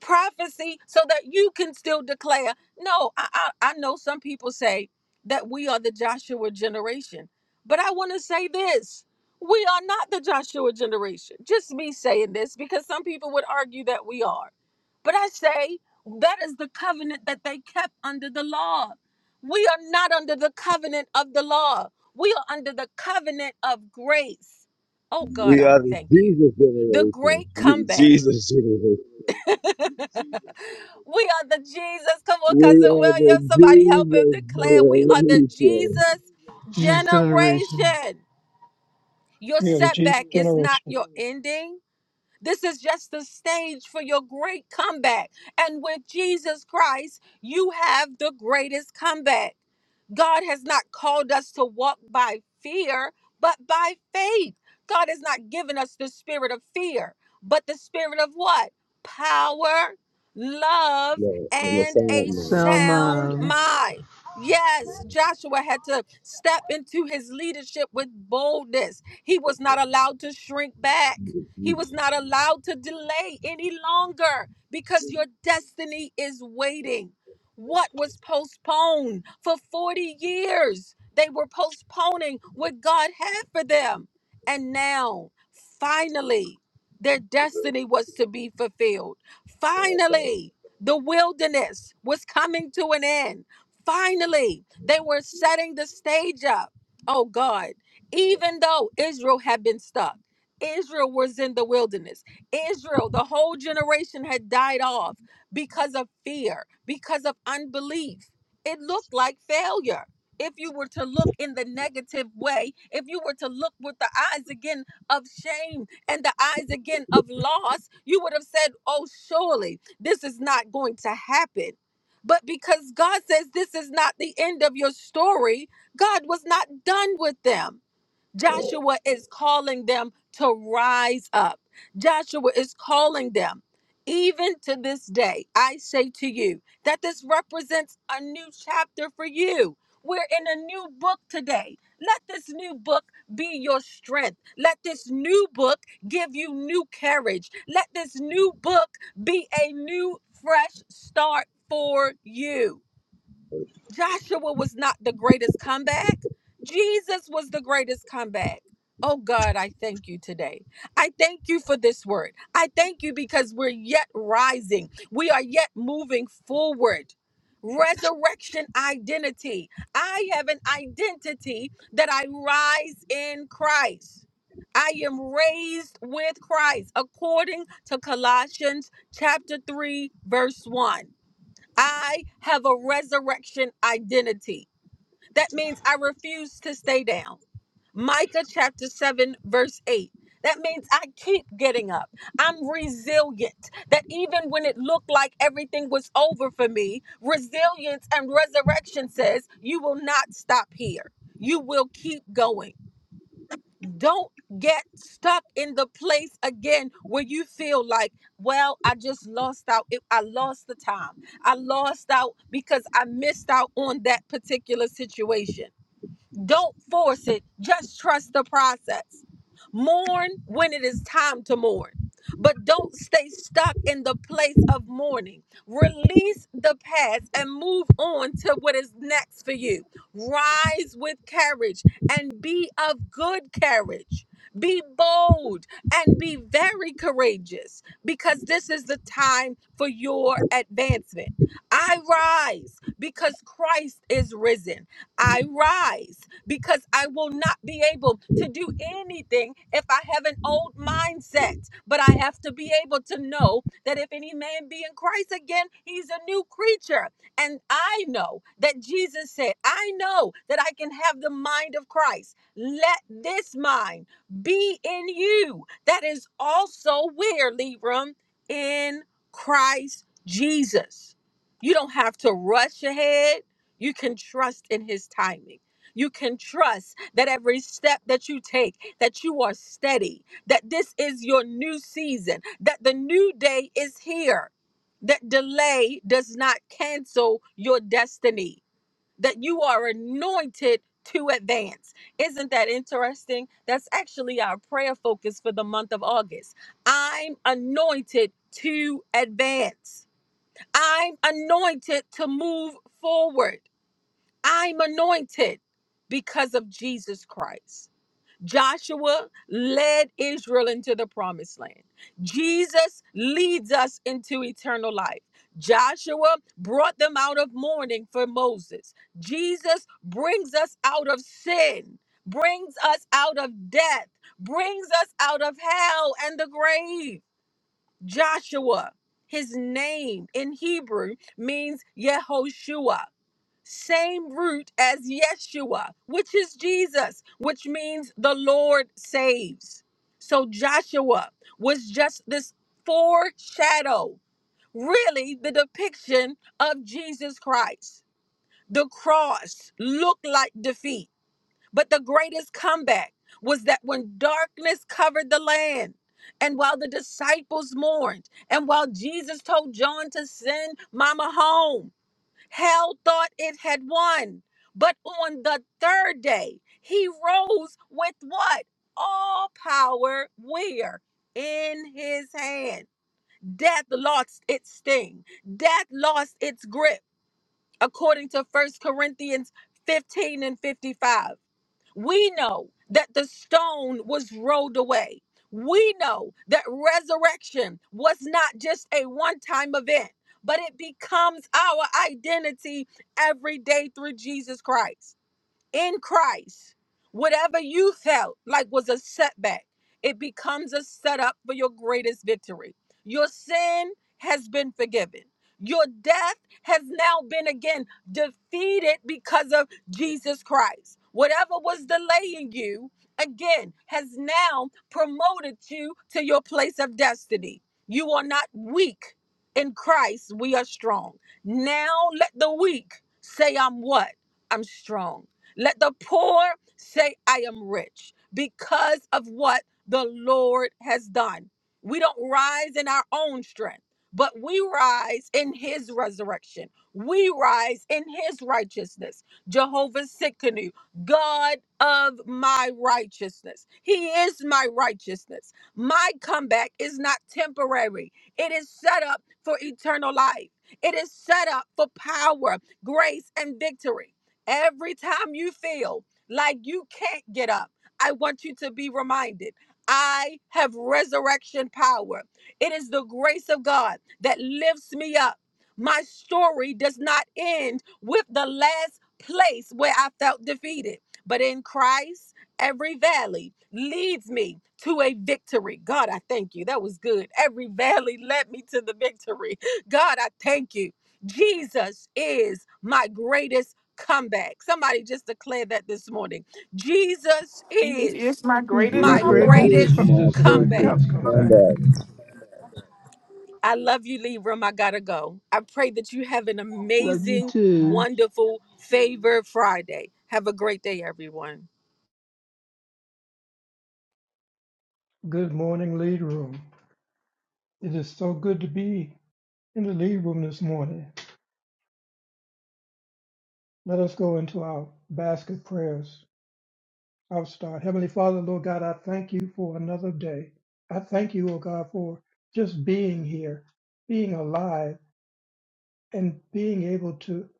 Speaker 1: Prophecy so that you can still declare. No, I, I, I know some people say that we are the Joshua generation, but I want to say this we are not the Joshua generation. Just me saying this because some people would argue that we are. But I say that is the covenant that they kept under the law. We are not under the covenant of the law, we are under the covenant of grace Oh God,
Speaker 3: we
Speaker 1: I
Speaker 3: are the
Speaker 1: thank you.
Speaker 3: Jesus
Speaker 1: The
Speaker 3: generation.
Speaker 1: great
Speaker 3: The
Speaker 1: comeback.
Speaker 3: Jesus
Speaker 1: we
Speaker 3: generation.
Speaker 1: are the Jesus. (laughs) Come on,
Speaker 3: We
Speaker 1: cousin
Speaker 3: are the
Speaker 1: William. Somebody help him
Speaker 3: Jesus
Speaker 1: declare we are the
Speaker 3: generation.
Speaker 1: Jesus
Speaker 11: This generation.
Speaker 1: generation. Your
Speaker 4: We are the Jesus
Speaker 1: setback is not
Speaker 4: generation.
Speaker 1: your ending. This is just the stage for your great comeback. And with Jesus Christ, you have the greatest comeback. God has not called us to walk by fear, but by faith. God has not given us the spirit of fear, but the spirit of what? Power, love,
Speaker 3: No, and the
Speaker 1: and a
Speaker 3: sound man.
Speaker 11: Sound
Speaker 1: sound
Speaker 11: mind.
Speaker 1: mind. Yes, Joshua had to step into his leadership with boldness. He was not allowed to shrink back. He was not allowed to delay any longer because your destiny is waiting what was postponed for 40 years. They were postponing what God had for them. And now, finally, their destiny was to be fulfilled. Finally, the wilderness was coming to an end. Finally, they were setting the stage up. Oh God, even though Israel had been stuck, Israel was in the wilderness. Israel, the whole generation had died off because of fear, because of unbelief. It looked like failure. If you were to look in the negative way, if you were to look with the eyes again of shame and the eyes again of loss, you would have said, Oh, surely this is not going to happen. But because God says this is not the end of your story, God was not done with them. Joshua is calling them to rise up. Joshua is calling them. Even to this day, I say to you that this represents a new chapter for you. We're in a new book today. Let this new book be your strength. Let this new book give you new courage. Let this new book be a new, fresh start for you. Joshua was not the greatest comeback. Jesus was the greatest comeback. Oh God, I thank you today. I thank you for this word. I thank you because we're yet rising, we are yet moving forward. Resurrection identity. I have an identity that I rise in Christ. I am raised with Christ according to Colossians chapter 3 verse 1. I have a resurrection identity. That means I refuse to stay down. Micah chapter 7, verse 8. That means I keep getting up. I'm resilient. That even when it looked like everything was over for me, resilience and resurrection says, You will not stop here. You will keep going. Don't get stuck in the place again where you feel like, well, I just lost out. It- I lost the time. I lost out because I missed out on that particular situation. Don't force it. Just trust the process. Mourn when it is time to mourn, but don't stay stuck in the place of mourning. Release the past and move on to what is next for you. Rise with courage and be of good courage. Be bold and be very courageous because this is the time for your advancement. I rise because Christ is risen. I rise because I will not be able to do anything if I have an old mindset. But I have to be able to know that if any man be in Christ again, he's a new creature. And I know that Jesus said, I know that I can have the mind of Christ. Let this mind be in you. That is also where, Libram, in Christ Jesus. You don't have to rush ahead. You can trust in his timing. You can trust that every step that you take, that you are steady, that this is your new season, that the new day is here, that delay does not cancel your destiny, that you are anointed to advance. Isn't that interesting? That's actually our prayer focus for the month of August. I'm anointed to advance. I'm anointed to move forward. I'm anointed because of Jesus Christ. Joshua led Israel into the promised land. Jesus leads us into eternal life. Joshua brought them out of mourning for Moses. Jesus brings us out of sin, brings us out of death, brings us out of hell and the grave. Joshua, his name in Hebrew means Yehoshua same root as Yeshua, which is Jesus, which means the Lord saves. So Joshua was just this foreshadow, really the depiction of Jesus Christ. The cross looked like defeat, but the greatest comeback was that when darkness covered the land, and while the disciples mourned, and while Jesus told John to send Mama home, Hell thought it had won. But on the third day, he rose with what? All power where? In his hand. Death lost its sting, death lost its grip, according to First Corinthians 15 and 55. We know that the stone was rolled away. We know that resurrection was not just a one time event, but it becomes our identity every day through Jesus Christ in Christ, whatever you felt like was a setback, it becomes a setup for your greatest victory. Your sin has been forgiven. Your death has now been again defeated because of Jesus Christ. Whatever was delaying you, again, has now promoted you to your place of destiny. You are not weak. In Christ, we are strong. Now let the weak say, I'm what? I'm strong. Let the poor say, I am rich because of what the Lord has done. We don't rise in our own strength, but we rise in his resurrection. We rise in his righteousness. Jehovah Sikkenu, God of my righteousness. He is my righteousness. My comeback is not temporary, it is set up for eternal life. It is set up for power, grace, and victory. Every time you feel like you can't get up, I want you to be reminded I have resurrection power. It is the grace of God that lifts me up. My story does not end with the last place where I felt defeated, but in Christ, every valley leads me to a victory. God, I thank you. That was good. Every valley led me to the victory. God, I thank you. Jesus is my greatest Comeback! Somebody just declared that this morning. Jesus is
Speaker 9: It's my
Speaker 11: This is
Speaker 9: greatest
Speaker 11: my
Speaker 1: my
Speaker 3: Jesus
Speaker 9: comeback.
Speaker 11: greatest
Speaker 3: is
Speaker 1: greatest
Speaker 11: cup,
Speaker 3: my
Speaker 4: Jesus is my
Speaker 3: favorite
Speaker 1: comeback.
Speaker 4: greatest
Speaker 11: cutback.
Speaker 4: comeback.
Speaker 3: combat.
Speaker 1: I love you, Libram. I gotta go. I pray that you have an
Speaker 11: Love you
Speaker 1: amazing,
Speaker 11: too.
Speaker 1: wonderful, favored Friday. Have a great day, everyone.
Speaker 4: Good morning, lead room. It is so good to be in the lead room this morning. Let us go into our basket prayers. I'll start. Heavenly Father, Lord God, I thank you for another day. I thank you, oh God, for just being here, being alive, and being able to,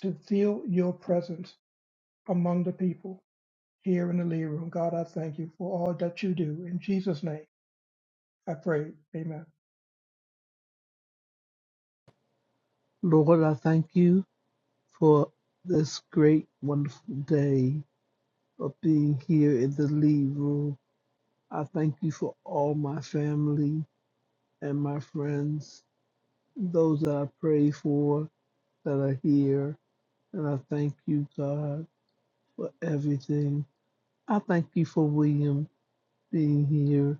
Speaker 4: to feel your presence among the people here in the lead room. God, I thank you for all that you do. In Jesus' name, I pray. Amen.
Speaker 11: Lord, I thank you for this great, wonderful day of being here in the lead room. I thank you for all my family and my friends, those that I pray for that are here. And I thank you, God, for everything. I thank you for William being here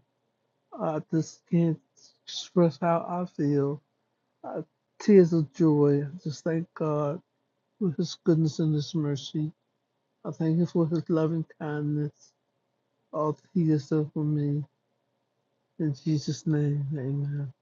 Speaker 11: I just can't express how I feel. Uh, tears of joy. I just thank God for His goodness and His mercy. I thank Him for His loving kindness, all that He has done for me. In Jesus' name, amen.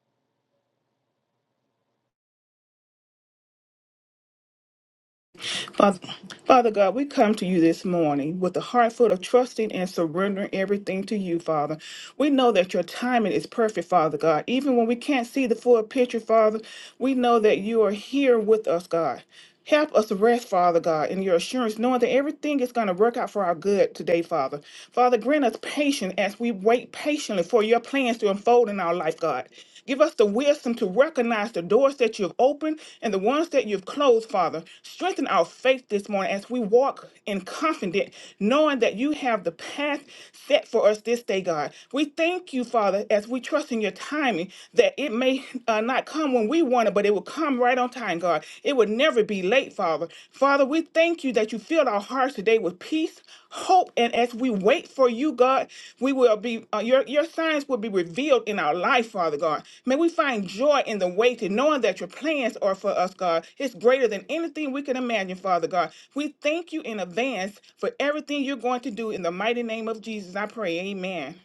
Speaker 9: Father, Father God, we come to you this morning with a heart full of trusting and surrendering everything to you, Father. We know that your timing is perfect, Father God. Even when we can't see the full picture, Father, we know that you are here with us, God. Help us rest, Father God, in your assurance, knowing that everything is going to work out for our good today, Father. Father, grant us patience as we wait patiently for your plans to unfold in our life, God. Give us the wisdom to recognize the doors that you've opened and the ones that you've closed, Father, strengthen our faith this morning as we walk in confidence, knowing that you have the path set for us this day, God. We thank you, Father, as we trust in your timing, that it may uh, not come when we want it, but it will come right on time, God. It would never be late, Father. Father, we thank you that you filled our hearts today with peace, hope, and as we wait for you, God, we will be, uh, your, your signs will be revealed in our life, Father God. May we find joy in the waiting, knowing that your plans are for us, God. It's greater than anything we can imagine, Father God. We thank you in advance for everything you're going to do. In the mighty name of Jesus, I pray. Amen.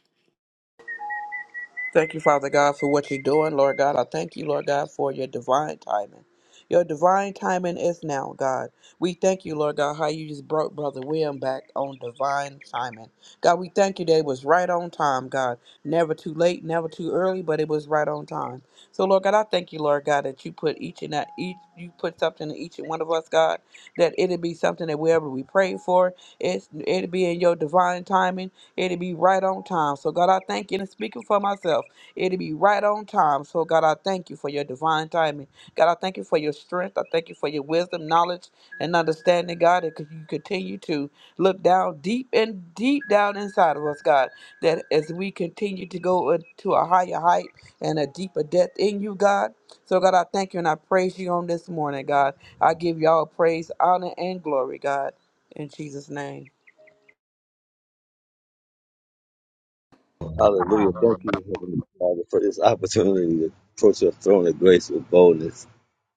Speaker 5: Thank you, Father God, for what you're doing, Lord God. I thank you, Lord God, for your divine timing. Your divine timing is now, God. We thank you, Lord God, how you just brought Brother William back on divine timing. God, we thank you that it was right on time, God. Never too late, never too early, but it was right on time. So, Lord God, I thank you, Lord God, that you put each and that each you put something in each and one of us, God, that it'd be something that wherever we pray for, it's it'd be in your divine timing It'll be right on time. So, God, I thank you. And speaking for myself, it'll be right on time. So, God, I thank you for your divine timing. God, I thank you for your strength. I thank you for your wisdom, knowledge, and understanding, God, that you continue to look down deep and deep down inside of us, God, that as we continue to go to a higher height and a deeper depth in you, God. So, God, I thank you and I praise you on this morning, God. I give y'all praise, honor, and glory, God. In Jesus' name.
Speaker 3: Hallelujah. Thank you, Heavenly Father, for this opportunity to approach your throne of grace with boldness.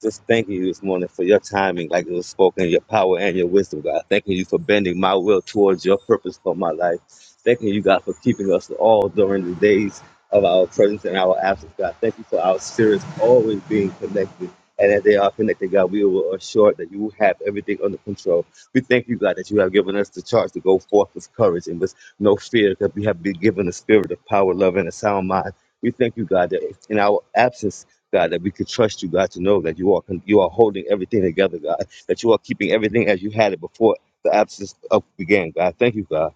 Speaker 3: Just thanking you this morning for your timing, like it was spoken, your power and your wisdom, God. Thanking you for bending my will towards your purpose for my life. Thanking you, God, for keeping us all during the days of our presence and our absence, God. Thank you for our spirits always being connected. And as they are connected, God, we will assure that you have everything under control. We thank you, God, that you have given us the charge to go forth with courage and with no fear, that we have been given a spirit of power, love, and a sound mind. We thank you, God, that in our absence, God, that we could trust you, God, to know that you are you are holding everything together, God, that you are keeping everything as you had it before the absence of began, God. Thank you, God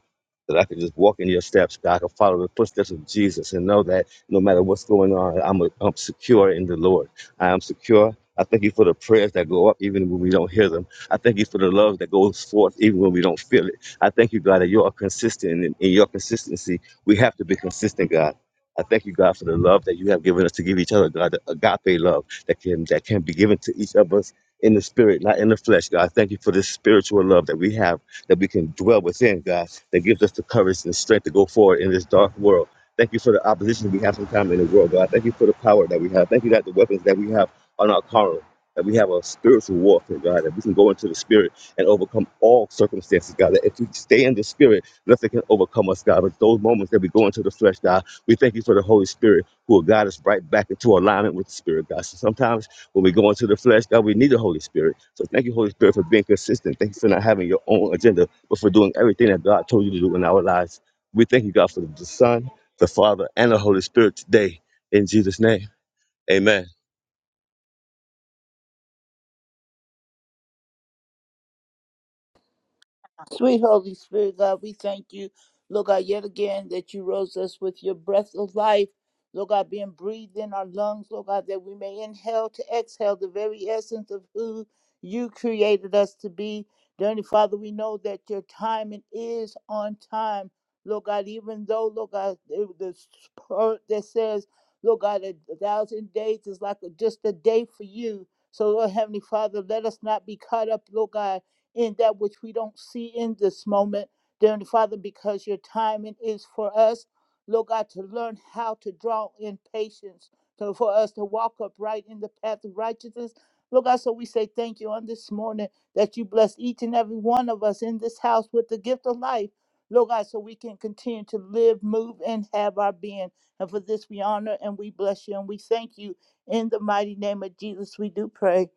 Speaker 3: that I can just walk in your steps, God. I can follow the footsteps of Jesus and know that no matter what's going on, I'm, I'm secure in the Lord. I am secure. I thank you for the prayers that go up even when we don't hear them. I thank you for the love that goes forth even when we don't feel it. I thank you, God, that you are consistent. And in in your consistency, we have to be consistent, God. I thank you, God, for the love that you have given us to give each other, God, the agape love that can that can be given to each of us in the spirit, not in the flesh, God. I thank you for this spiritual love that we have, that we can dwell within, God, that gives us the courage and strength to go forward in this dark world. Thank you for the opposition we have sometimes in the world, God. Thank you for the power that we have. Thank you that the weapons that we have are not carnal, that we have a spiritual warfare, God, that we can go into the spirit and overcome all circumstances, God. That if we stay in the spirit, nothing can overcome us, God. But those moments that we go into the flesh, God, we thank you for the Holy Spirit who will guide us right back into alignment with the Spirit, God. So sometimes when we go into the flesh, God, we need the Holy Spirit. So thank you, Holy Spirit, for being consistent. Thank you for not having your own agenda, but for doing everything that God told you to do in our lives. We thank you, God, for the Son, the Father, and the Holy Spirit today. In Jesus' name, amen.
Speaker 7: Sweet Holy Spirit, God, we thank you, Lord God, yet again that you rose us with your breath of life, Lord God, being breathed in our lungs, Lord God, that we may inhale to exhale the very essence of who you created us to be. Dear Heavenly Father, we know that your timing is on time, Lord God, even though, Lord God, the the part that says, Lord God, a thousand days is like just a day for you. So, Lord Heavenly Father, let us not be caught up, Lord God in that which we don't see in this moment, dear Heavenly Father, because your timing is for us, Lord God, to learn how to draw in patience, so for us to walk upright in the path of righteousness. Lord God, so we say thank you on this morning that you bless each and every one of us in this house with the gift of life. Lord God, so we can continue to live, move, and have our being. And for this we honor and we bless you and we thank you. In the mighty name of Jesus, we do pray.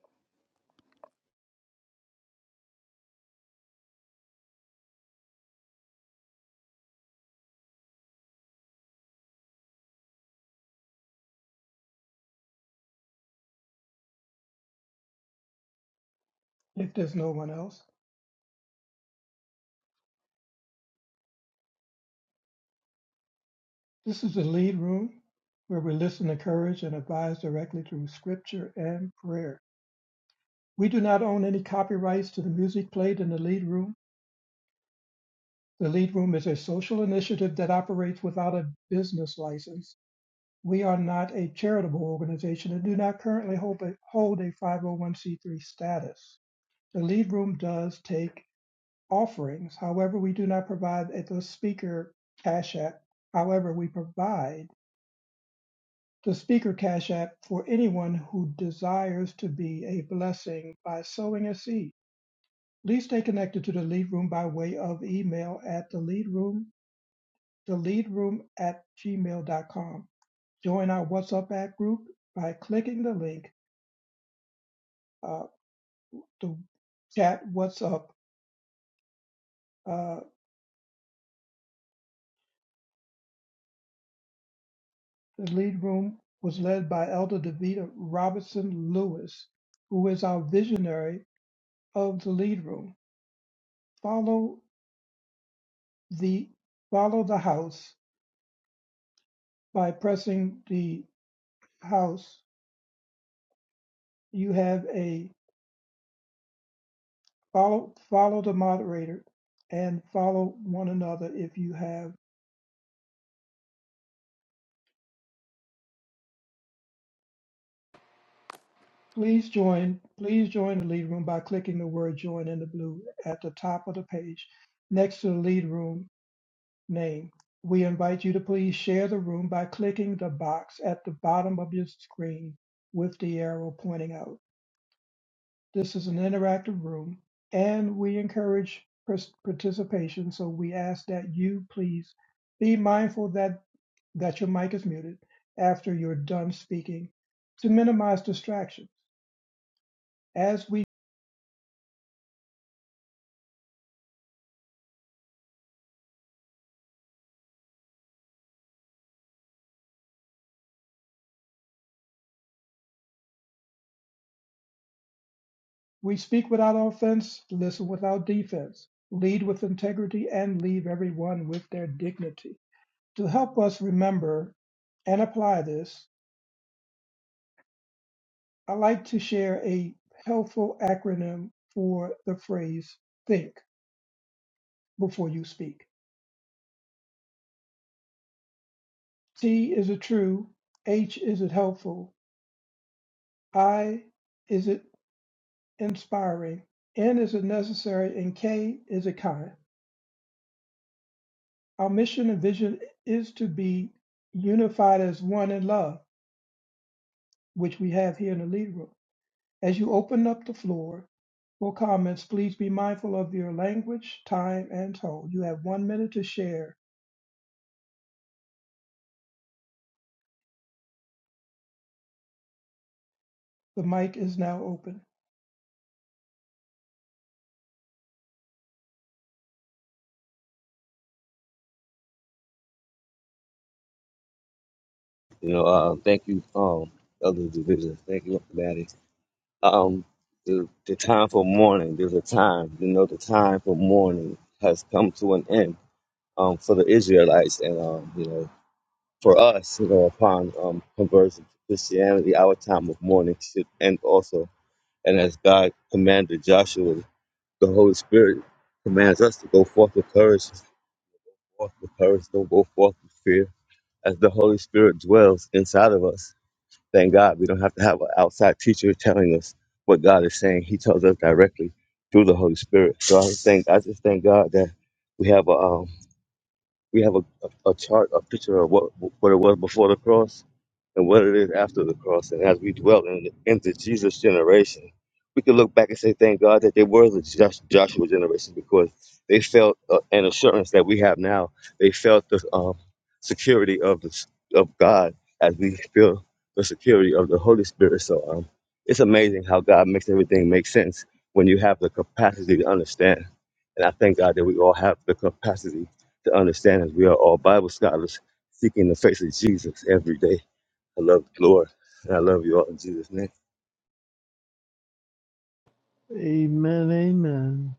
Speaker 4: if there's no one else. This is the lead room where we listen, encourage, and advise directly through scripture and prayer. We do not own any copyrights to the music played in the lead room. The lead room is a social initiative that operates without a business license. We are not a charitable organization and do not currently hold a, hold a 501c3 status. The lead room does take offerings. However, we do not provide a- the speaker cash app. However, we provide the Speaker Cash App for anyone who desires to be a blessing by sowing a seed. Please stay connected to the Lead Room by way of email at the Lead Room, the Lead Room at gmail.com. Join our WhatsApp app group by clicking the link, uh, the chat WhatsApp. Uh, the Lead Room was led by Elder Davita Robertson Lewis, who is our visionary of the Lead Room. Follow the follow the house by pressing the house. You have a follow follow the moderator and follow one another if you have. Please join. Please join the lead room by clicking the word "join" in the blue at the top of the page, next to the lead room name. We invite you to please share the room by clicking the box at the bottom of your screen with the arrow pointing out. This is an interactive room and we encourage pers- participation. So we ask that you please be mindful that, that your mic is muted after you're done speaking to minimize distractions. As we, we speak without offense, listen without defense, lead with integrity, and leave everyone with their dignity. To help us remember and apply this, I like to share a helpful acronym for the phrase think. before you speak. C, is it true? H, is it helpful? I, is it inspiring? N, is it necessary? And K, is it kind? Our mission and vision is to be unified as one in love, which we have here in the lead room. As you open up the floor for comments, please be mindful of your language, time, and tone. You have one minute to share. The mic is now open.
Speaker 3: You know, uh, thank you, um, Elder Division. Thank you, Maddie. um the, the time for mourning there's a time you know the time for mourning has come to an end um for the israelites and um you know for us you know upon um conversion to christianity our time of mourning should end also and as god commanded joshua the holy spirit commands us to go forth with courage forth with courage don't go forth with fear as the holy spirit dwells inside of us Thank God we don't have to have an outside teacher telling us what God is saying. He tells us directly through the Holy Spirit. So I just thank I just thank God that we have a um, we have a, a, a chart, a picture of what what it was before the cross and what it is after the cross. And as we dwell in, into Jesus' generation, we can look back and say, thank God that they were the Josh, Joshua generation because they felt uh, an assurance that we have now. They felt the um, security of the, s- of God as we feel the security of the Holy Spirit. So um, it's amazing how God makes everything make sense when you have the capacity to understand. And I thank God that we all have the capacity to understand that we are all Bible scholars seeking the face of Jesus every day. I love the Lord, and I love you all in Jesus' name.
Speaker 11: Amen, amen.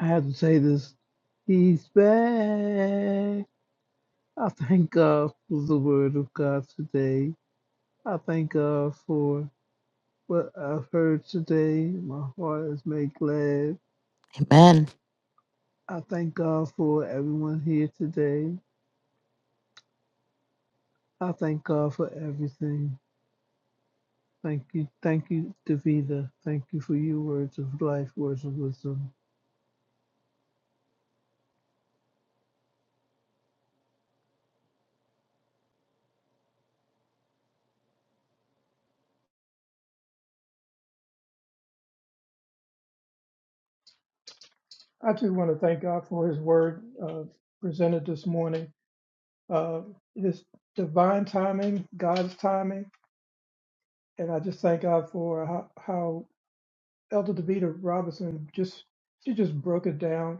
Speaker 11: I have to say this. He's back. I thank God for the word of God today. I thank God for what I've heard today. My heart is made glad.
Speaker 12: Amen.
Speaker 11: I thank God for everyone here today. I thank God for everything. Thank you. Thank you, Davida. Thank you for your words of life, words of wisdom.
Speaker 4: I too want to thank God for his word uh, presented this morning. uh, his divine timing, God's timing, and I just thank God for how, how Elder Davita Robinson just she just broke it down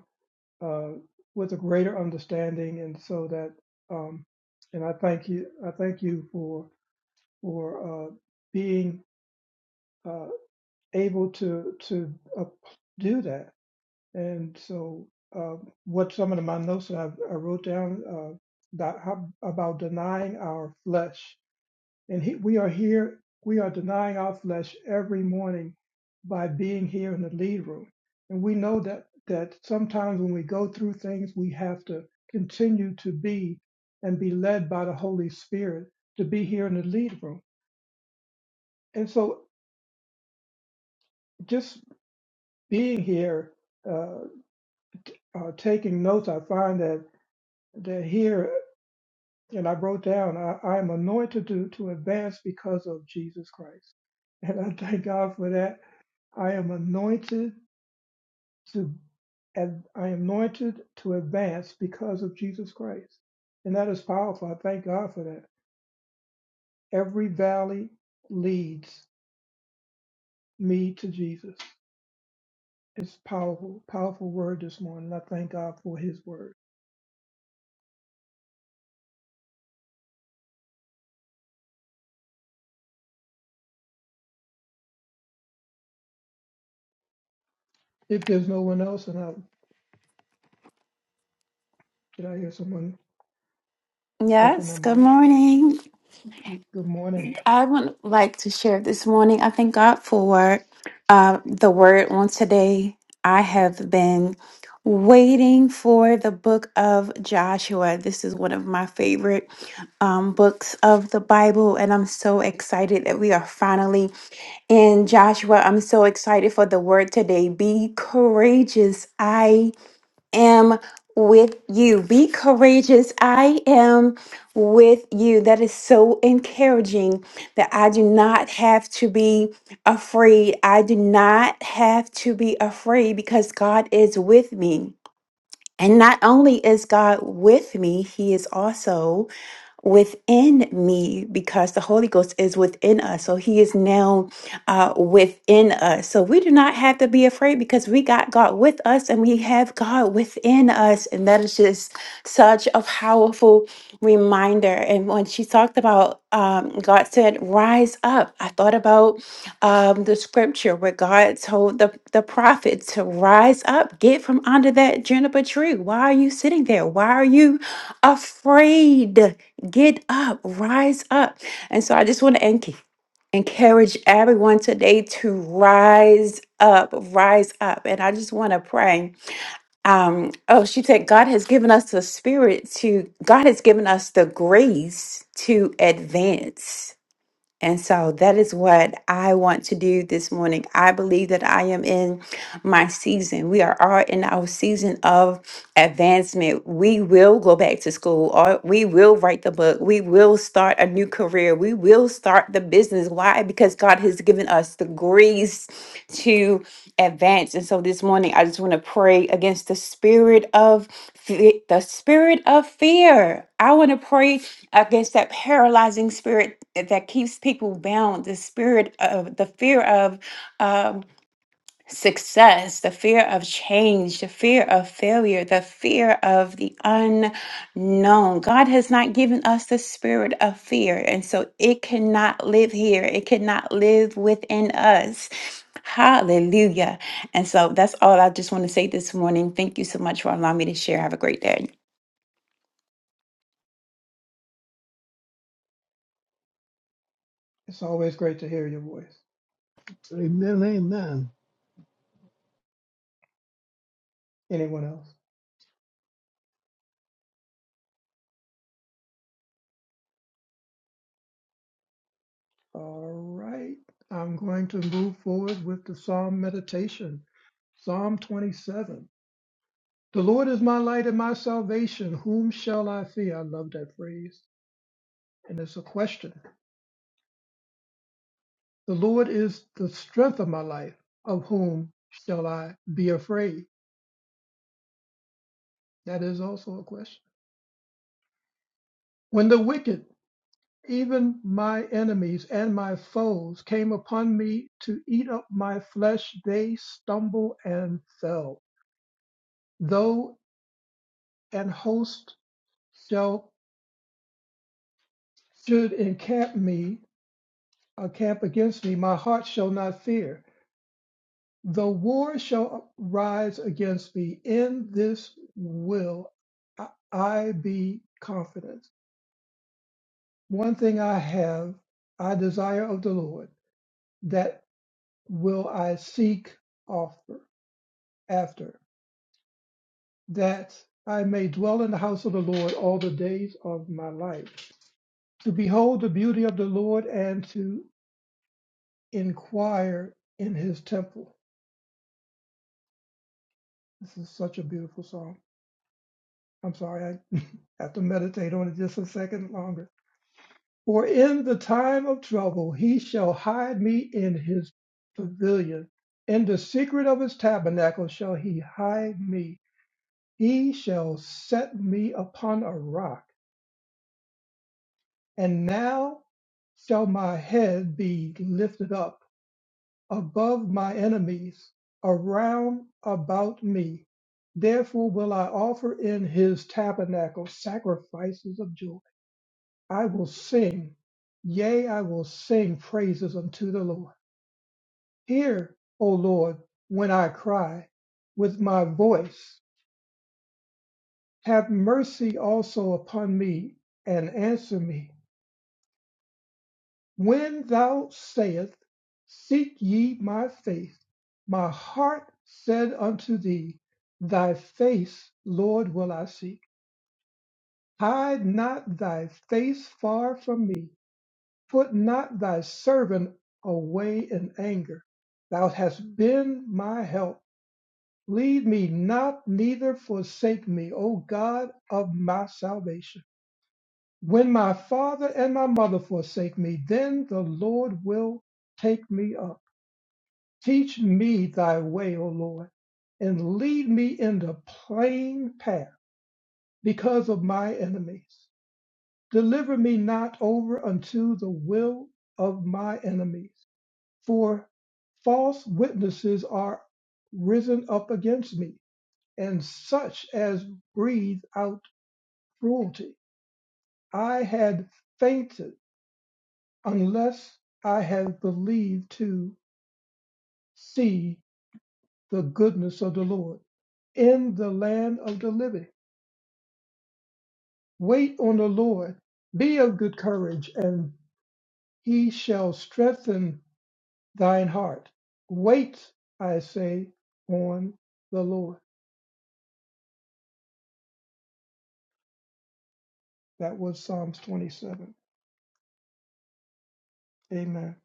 Speaker 4: uh, with a greater understanding, and so that um, and I thank you I thank you for for uh, being uh, able to to uh, do that, and so. Uh, what some of my notes that I, I wrote down uh, that, how, about denying our flesh, And he, we are here, we are denying our flesh every morning by being here in the lead room. And we know that that sometimes when we go through things, we have to continue to be and be led by the Holy Spirit to be here in the lead room. And so just being here, uh, t- uh, taking notes, I find that that here, and I wrote down, I, I am anointed to, to advance because of Jesus Christ. And I thank God for that I am anointed to and I am anointed to advance because of Jesus Christ. And that is powerful. I thank God for that. Every valley leads me to Jesus. It's powerful, powerful word this morning. I thank God for his word. If there's no one else, and I did I hear someone open their
Speaker 13: Yes, good
Speaker 4: mic?
Speaker 13: morning.
Speaker 4: Good morning.
Speaker 13: I would like to share this morning. I thank God for uh, the word on today. I have been waiting for the book of Joshua. This is one of my favorite um, books of the Bible, and I'm so excited that we are finally in Joshua. I'm so excited for the word today. Be courageous. I am with you. Be courageous. I am with you. That is so encouraging that I do not have to be afraid. I do not have to be afraid because God is with me. And not only is God with me, He is also within me because the Holy Ghost is within us. So he is now uh, within us. So we do not have to be afraid because we got God with us and we have God within us. And that is just such a powerful reminder. And when she talked about um, God said, rise up, I thought about um, the scripture where God told the, the prophet to rise up, get from under that juniper tree. Why are you sitting there? Why are you afraid? Get up, rise up. And so I just want to enc- encourage everyone today to rise up, rise up. And I just want to pray. Um, oh, she said, God has given us the spirit to, God has given us the grace to advance. And so that is what I want to do this morning. I believe that I am in my season. We are all in our season of advancement. We will go back to school or we will write the book. We will start a new career. We will start the business. Why? Because God has given us the grace to advance. And so this morning I just want to pray against the spirit of fe- the spirit of fear. I want to pray against that paralyzing spirit that that keeps people bound, the spirit of the fear of um, success, the fear of change, the fear of failure, the fear of the unknown. God has not given us the spirit of fear, and so it cannot live here, it cannot live within us. Hallelujah. And so that's all I just want to say this morning. Thank you so much for allowing me to share. Have a great day.
Speaker 4: It's always great to hear your voice.
Speaker 11: Amen. Amen.
Speaker 4: Anyone else? All right. I'm going to move forward with the Psalm meditation. Psalm 27. The Lord is my light and my salvation. Whom shall I fear? I love that phrase. And it's a question. The Lord is the strength of my life. Of whom shall I be afraid? That is also a question. When the wicked, even my enemies and my foes, came upon me to eat up my flesh, they stumbled and fell. Though. and host shall should encamp me uh, camp against me my heart shall not fear the war shall rise against me in this will i I be confident one thing i have i desire of the lord that will i seek offer after that i may dwell in the house of the lord all the days of my life to behold the beauty of the lord and to inquire in his temple. This is such a beautiful song. I'm sorry, I (laughs) have to meditate on it just a second longer. For in the time of trouble, he shall hide me in his pavilion. In the secret of his tabernacle shall he hide me. He shall set me upon a rock. And now shall my head be lifted up above my enemies, around about me. Therefore will I offer in his tabernacle sacrifices of joy. I will sing, yea, I will sing praises unto the Lord. Hear, O Lord, when I cry with my voice. Have mercy also upon me and answer me. When thou sayest, Seek ye my face, my heart said unto thee, Thy face, Lord, will I seek. Hide not thy face far from me. Put not thy servant away in anger. Thou hast been my help. Leave me not, neither forsake me, O God of my salvation. When my father and my mother forsake me, then the Lord will take me up. Teach me thy way, O Lord, and lead me in the plain path because of my enemies. Deliver me not over unto the will of my enemies, for false witnesses are risen up against me, and such as breathe out cruelty. I had fainted unless I had believed to see the goodness of the Lord in the land of the living. Wait on the Lord, be of good courage, and he shall strengthen thine heart. Wait, I say, on the Lord. That was Psalms 27. Amen.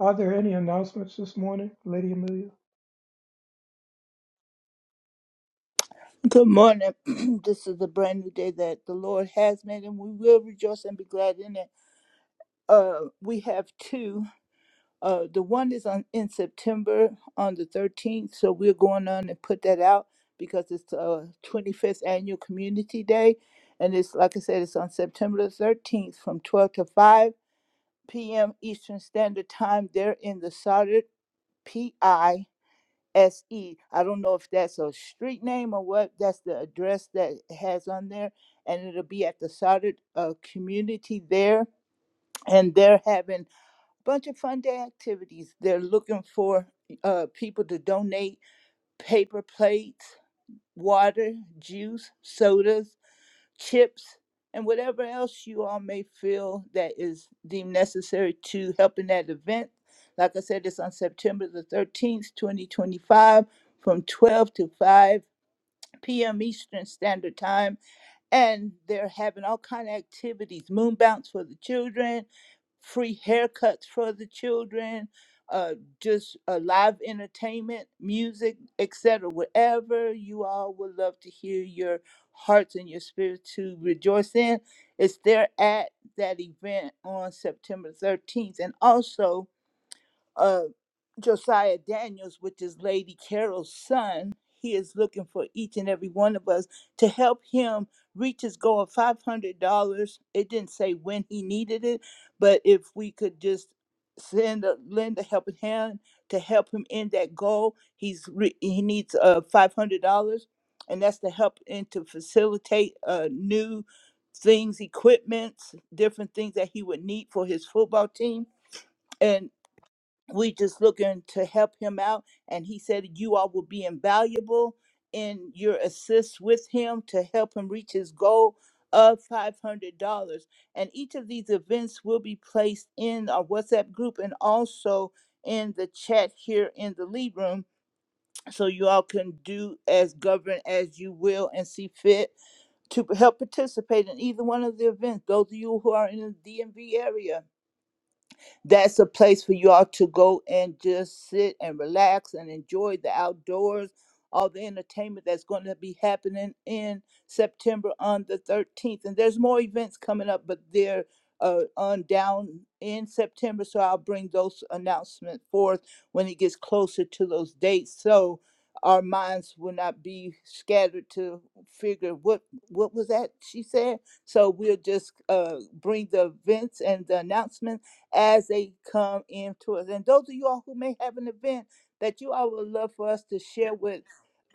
Speaker 4: Are there any announcements this morning, Lady Amelia?
Speaker 7: Good morning. (clears throat) this is a brand new day that the Lord has made, and we will rejoice and be glad in it. Uh, we have two. Uh, the one is on in September on the 13th, so we're going on and put that out because it's uh 25th annual community day, and it's like I said, it's on September the 13th from 12 to 5 p.m. Eastern Standard Time. They're in the solid PI SE. I don't know if that's a street name or what. That's the address that it has on there. And it'll be at the soldered uh, community there. And they're having a bunch of fun day activities. They're looking for uh, people to donate paper plates, water, juice, sodas chips, and whatever else you all may feel that is deemed necessary to help in that event. Like I said, it's on September the 13th, 2025, from 12 to 5 p.m. Eastern Standard Time and they're having all kind of activities moon bounce for the children free haircuts for the children uh, just uh, live entertainment music etc whatever you all would love to hear your hearts and your spirits to rejoice in it's there at that event on september 13th and also uh, Josiah Daniels, which is Lady Carol's son. He is looking for each and every one of us to help him reach his goal of $500. It didn't say when he needed it, but if we could just send a, lend a helping hand to help him in that goal, he's re, he needs uh, $500. And that's to help and to facilitate uh, new things, equipments, different things that he would need for his football team we just looking to help him out and he said you all will be invaluable in your assist with him to help him reach his goal of $500 and each of these events will be placed in our whatsapp group and also in the chat here in the lead room so you all can do as govern as you will and see fit to help participate in either one of the events those of you who are in the dmv area that's a place for you all to go and just sit and relax and enjoy the outdoors, all the entertainment that's going to be happening in September on the 13th. And there's more events coming up, but they're uh, on down in September. So I'll bring those announcements forth when it gets closer to those dates. So our minds will not be scattered to figure what what was that she said. So we'll just uh, bring the events and the announcements as they come into us. And those of you all who may have an event that you all would love for us to share with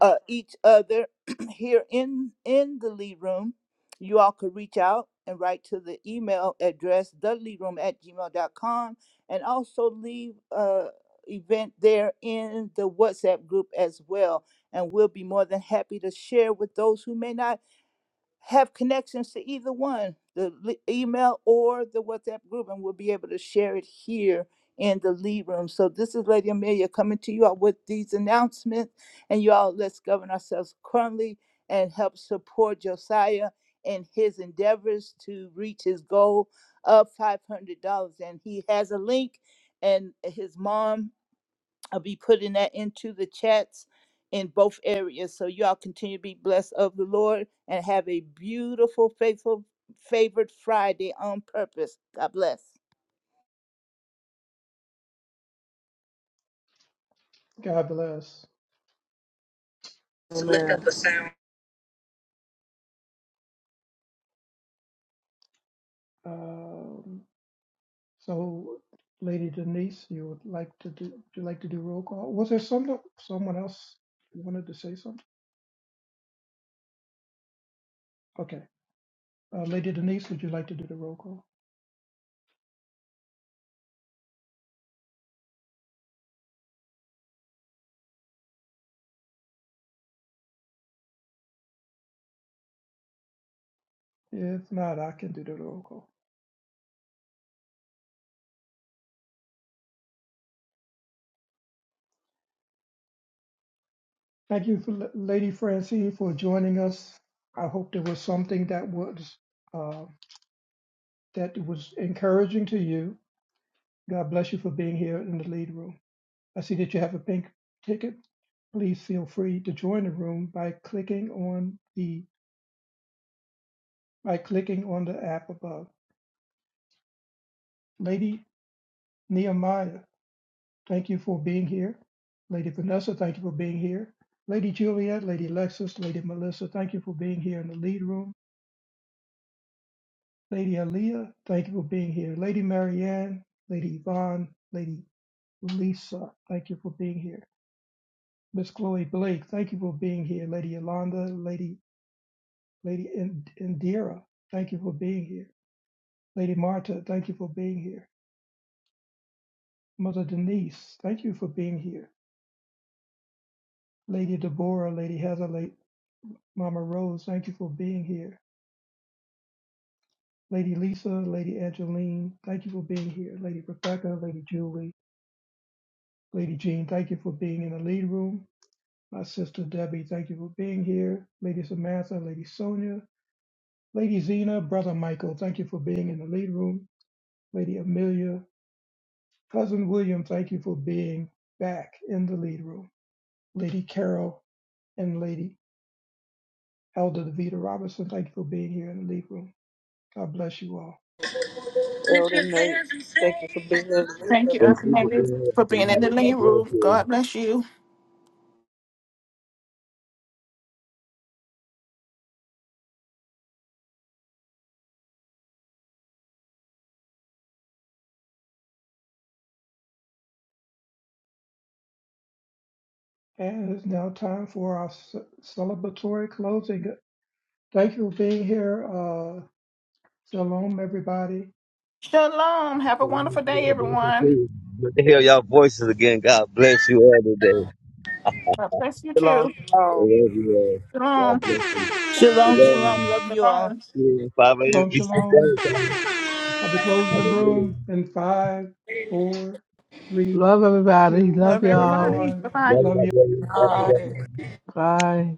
Speaker 7: uh, each other (clears throat) here in in the lead room, you all could reach out and write to the email address theleadroom at gmail dot com, and also leave uh event there in the WhatsApp group as well. And we'll be more than happy to share with those who may not have connections to either one, the li- email or the WhatsApp group, and we'll be able to share it here in the lead room. So this is Lady Amelia coming to you all with these announcements, and y'all let's govern ourselves currently and help support Josiah in his endeavors to reach his goal of five hundred dollars. And he has a link, and his mom. I'll be putting that into the chats in both areas. So y'all continue to be blessed of the Lord and have a beautiful, faithful, favored Friday on purpose. God bless.
Speaker 4: God bless.
Speaker 5: Amen. Lift up a sound.
Speaker 4: Um, so, Lady Denise, you would like to do? Would you like to do roll call? Was there someone someone else wanted to say something? Okay. Uh, Lady Denise, would you like to do the roll call? If not, I can do the roll call. Thank you, for, L- Lady Francine, for joining us. I hope there was something that was uh, that was encouraging to you. God bless you for being here in the lead room. I see that you have a pink ticket. Please feel free to join the room by clicking on the by clicking on the app above. Lady Nehemiah, Thank you for being here. Lady Vanessa, thank you for being here. Lady Juliet, Lady Lexis, Lady Melissa, thank you for being here in the lead room. Lady Aaliyah, thank you for being here. Lady Marianne, Lady Yvonne, Lady Lisa, thank you for being here. Miss Chloe Blake, thank you for being here. Lady Yolanda, Lady Lady In- Indira, thank you for being here. Lady Marta, thank you for being here. Mother Denise, thank you for being here. Lady Deborah, Lady Heather, Lady Mama Rose, thank you for being here. Lady Lisa, Lady Angeline, thank you for being here. Lady Rebecca, Lady Julie, Lady Jean, thank you for being in the lead room. My sister Debbie, thank you for being here. Lady Samantha, Lady Sonia, Lady Zena, Brother Michael, thank you for being in the lead room. Lady Amelia, Cousin William, thank you for being back in the lead room. Lady Carol and Lady Elder Devita Robinson, thank you for being here in the lead room. God bless you all.
Speaker 5: Elder Nate. Thank you for being a
Speaker 9: Thank you,
Speaker 5: leader
Speaker 3: Thank
Speaker 5: this
Speaker 9: Uncle
Speaker 3: you for
Speaker 9: Henry,
Speaker 5: morning.
Speaker 3: being here
Speaker 9: for
Speaker 3: with the
Speaker 9: being in the
Speaker 3: Lord.
Speaker 9: lead
Speaker 3: God bless
Speaker 9: room.
Speaker 3: you.
Speaker 9: God bless you.
Speaker 4: And it's now time for our ce- celebratory closing. Thank you for being here. Uh, shalom, everybody.
Speaker 9: Shalom. Have a
Speaker 3: Shalom,
Speaker 9: wonderful day,
Speaker 3: shalom, bless
Speaker 9: everyone.
Speaker 3: you. Good to hear y'all voices again. God bless you all today. (laughs) I
Speaker 9: God bless you
Speaker 5: Belongs
Speaker 9: too.
Speaker 3: love you all.
Speaker 9: Shalom.
Speaker 3: God bless you. We
Speaker 7: Shalom,
Speaker 3: love you.
Speaker 7: shalom. Love you all.
Speaker 9: Shalom.
Speaker 3: See you at 5 a.m.
Speaker 4: Shalom,
Speaker 3: Eastern
Speaker 4: shalom.
Speaker 3: Standard Time.
Speaker 4: I'll be closing the
Speaker 3: Hallelujah.
Speaker 4: room in five, four, three,
Speaker 11: Love everybody.
Speaker 4: two,
Speaker 11: Love
Speaker 9: Love
Speaker 3: Love you
Speaker 11: y'all.
Speaker 3: all.
Speaker 9: everybody. Bye
Speaker 4: one.
Speaker 9: bye.
Speaker 3: Love you,
Speaker 4: Love
Speaker 3: my
Speaker 4: you.
Speaker 3: brother. Love you, love you, love you.
Speaker 11: Bye.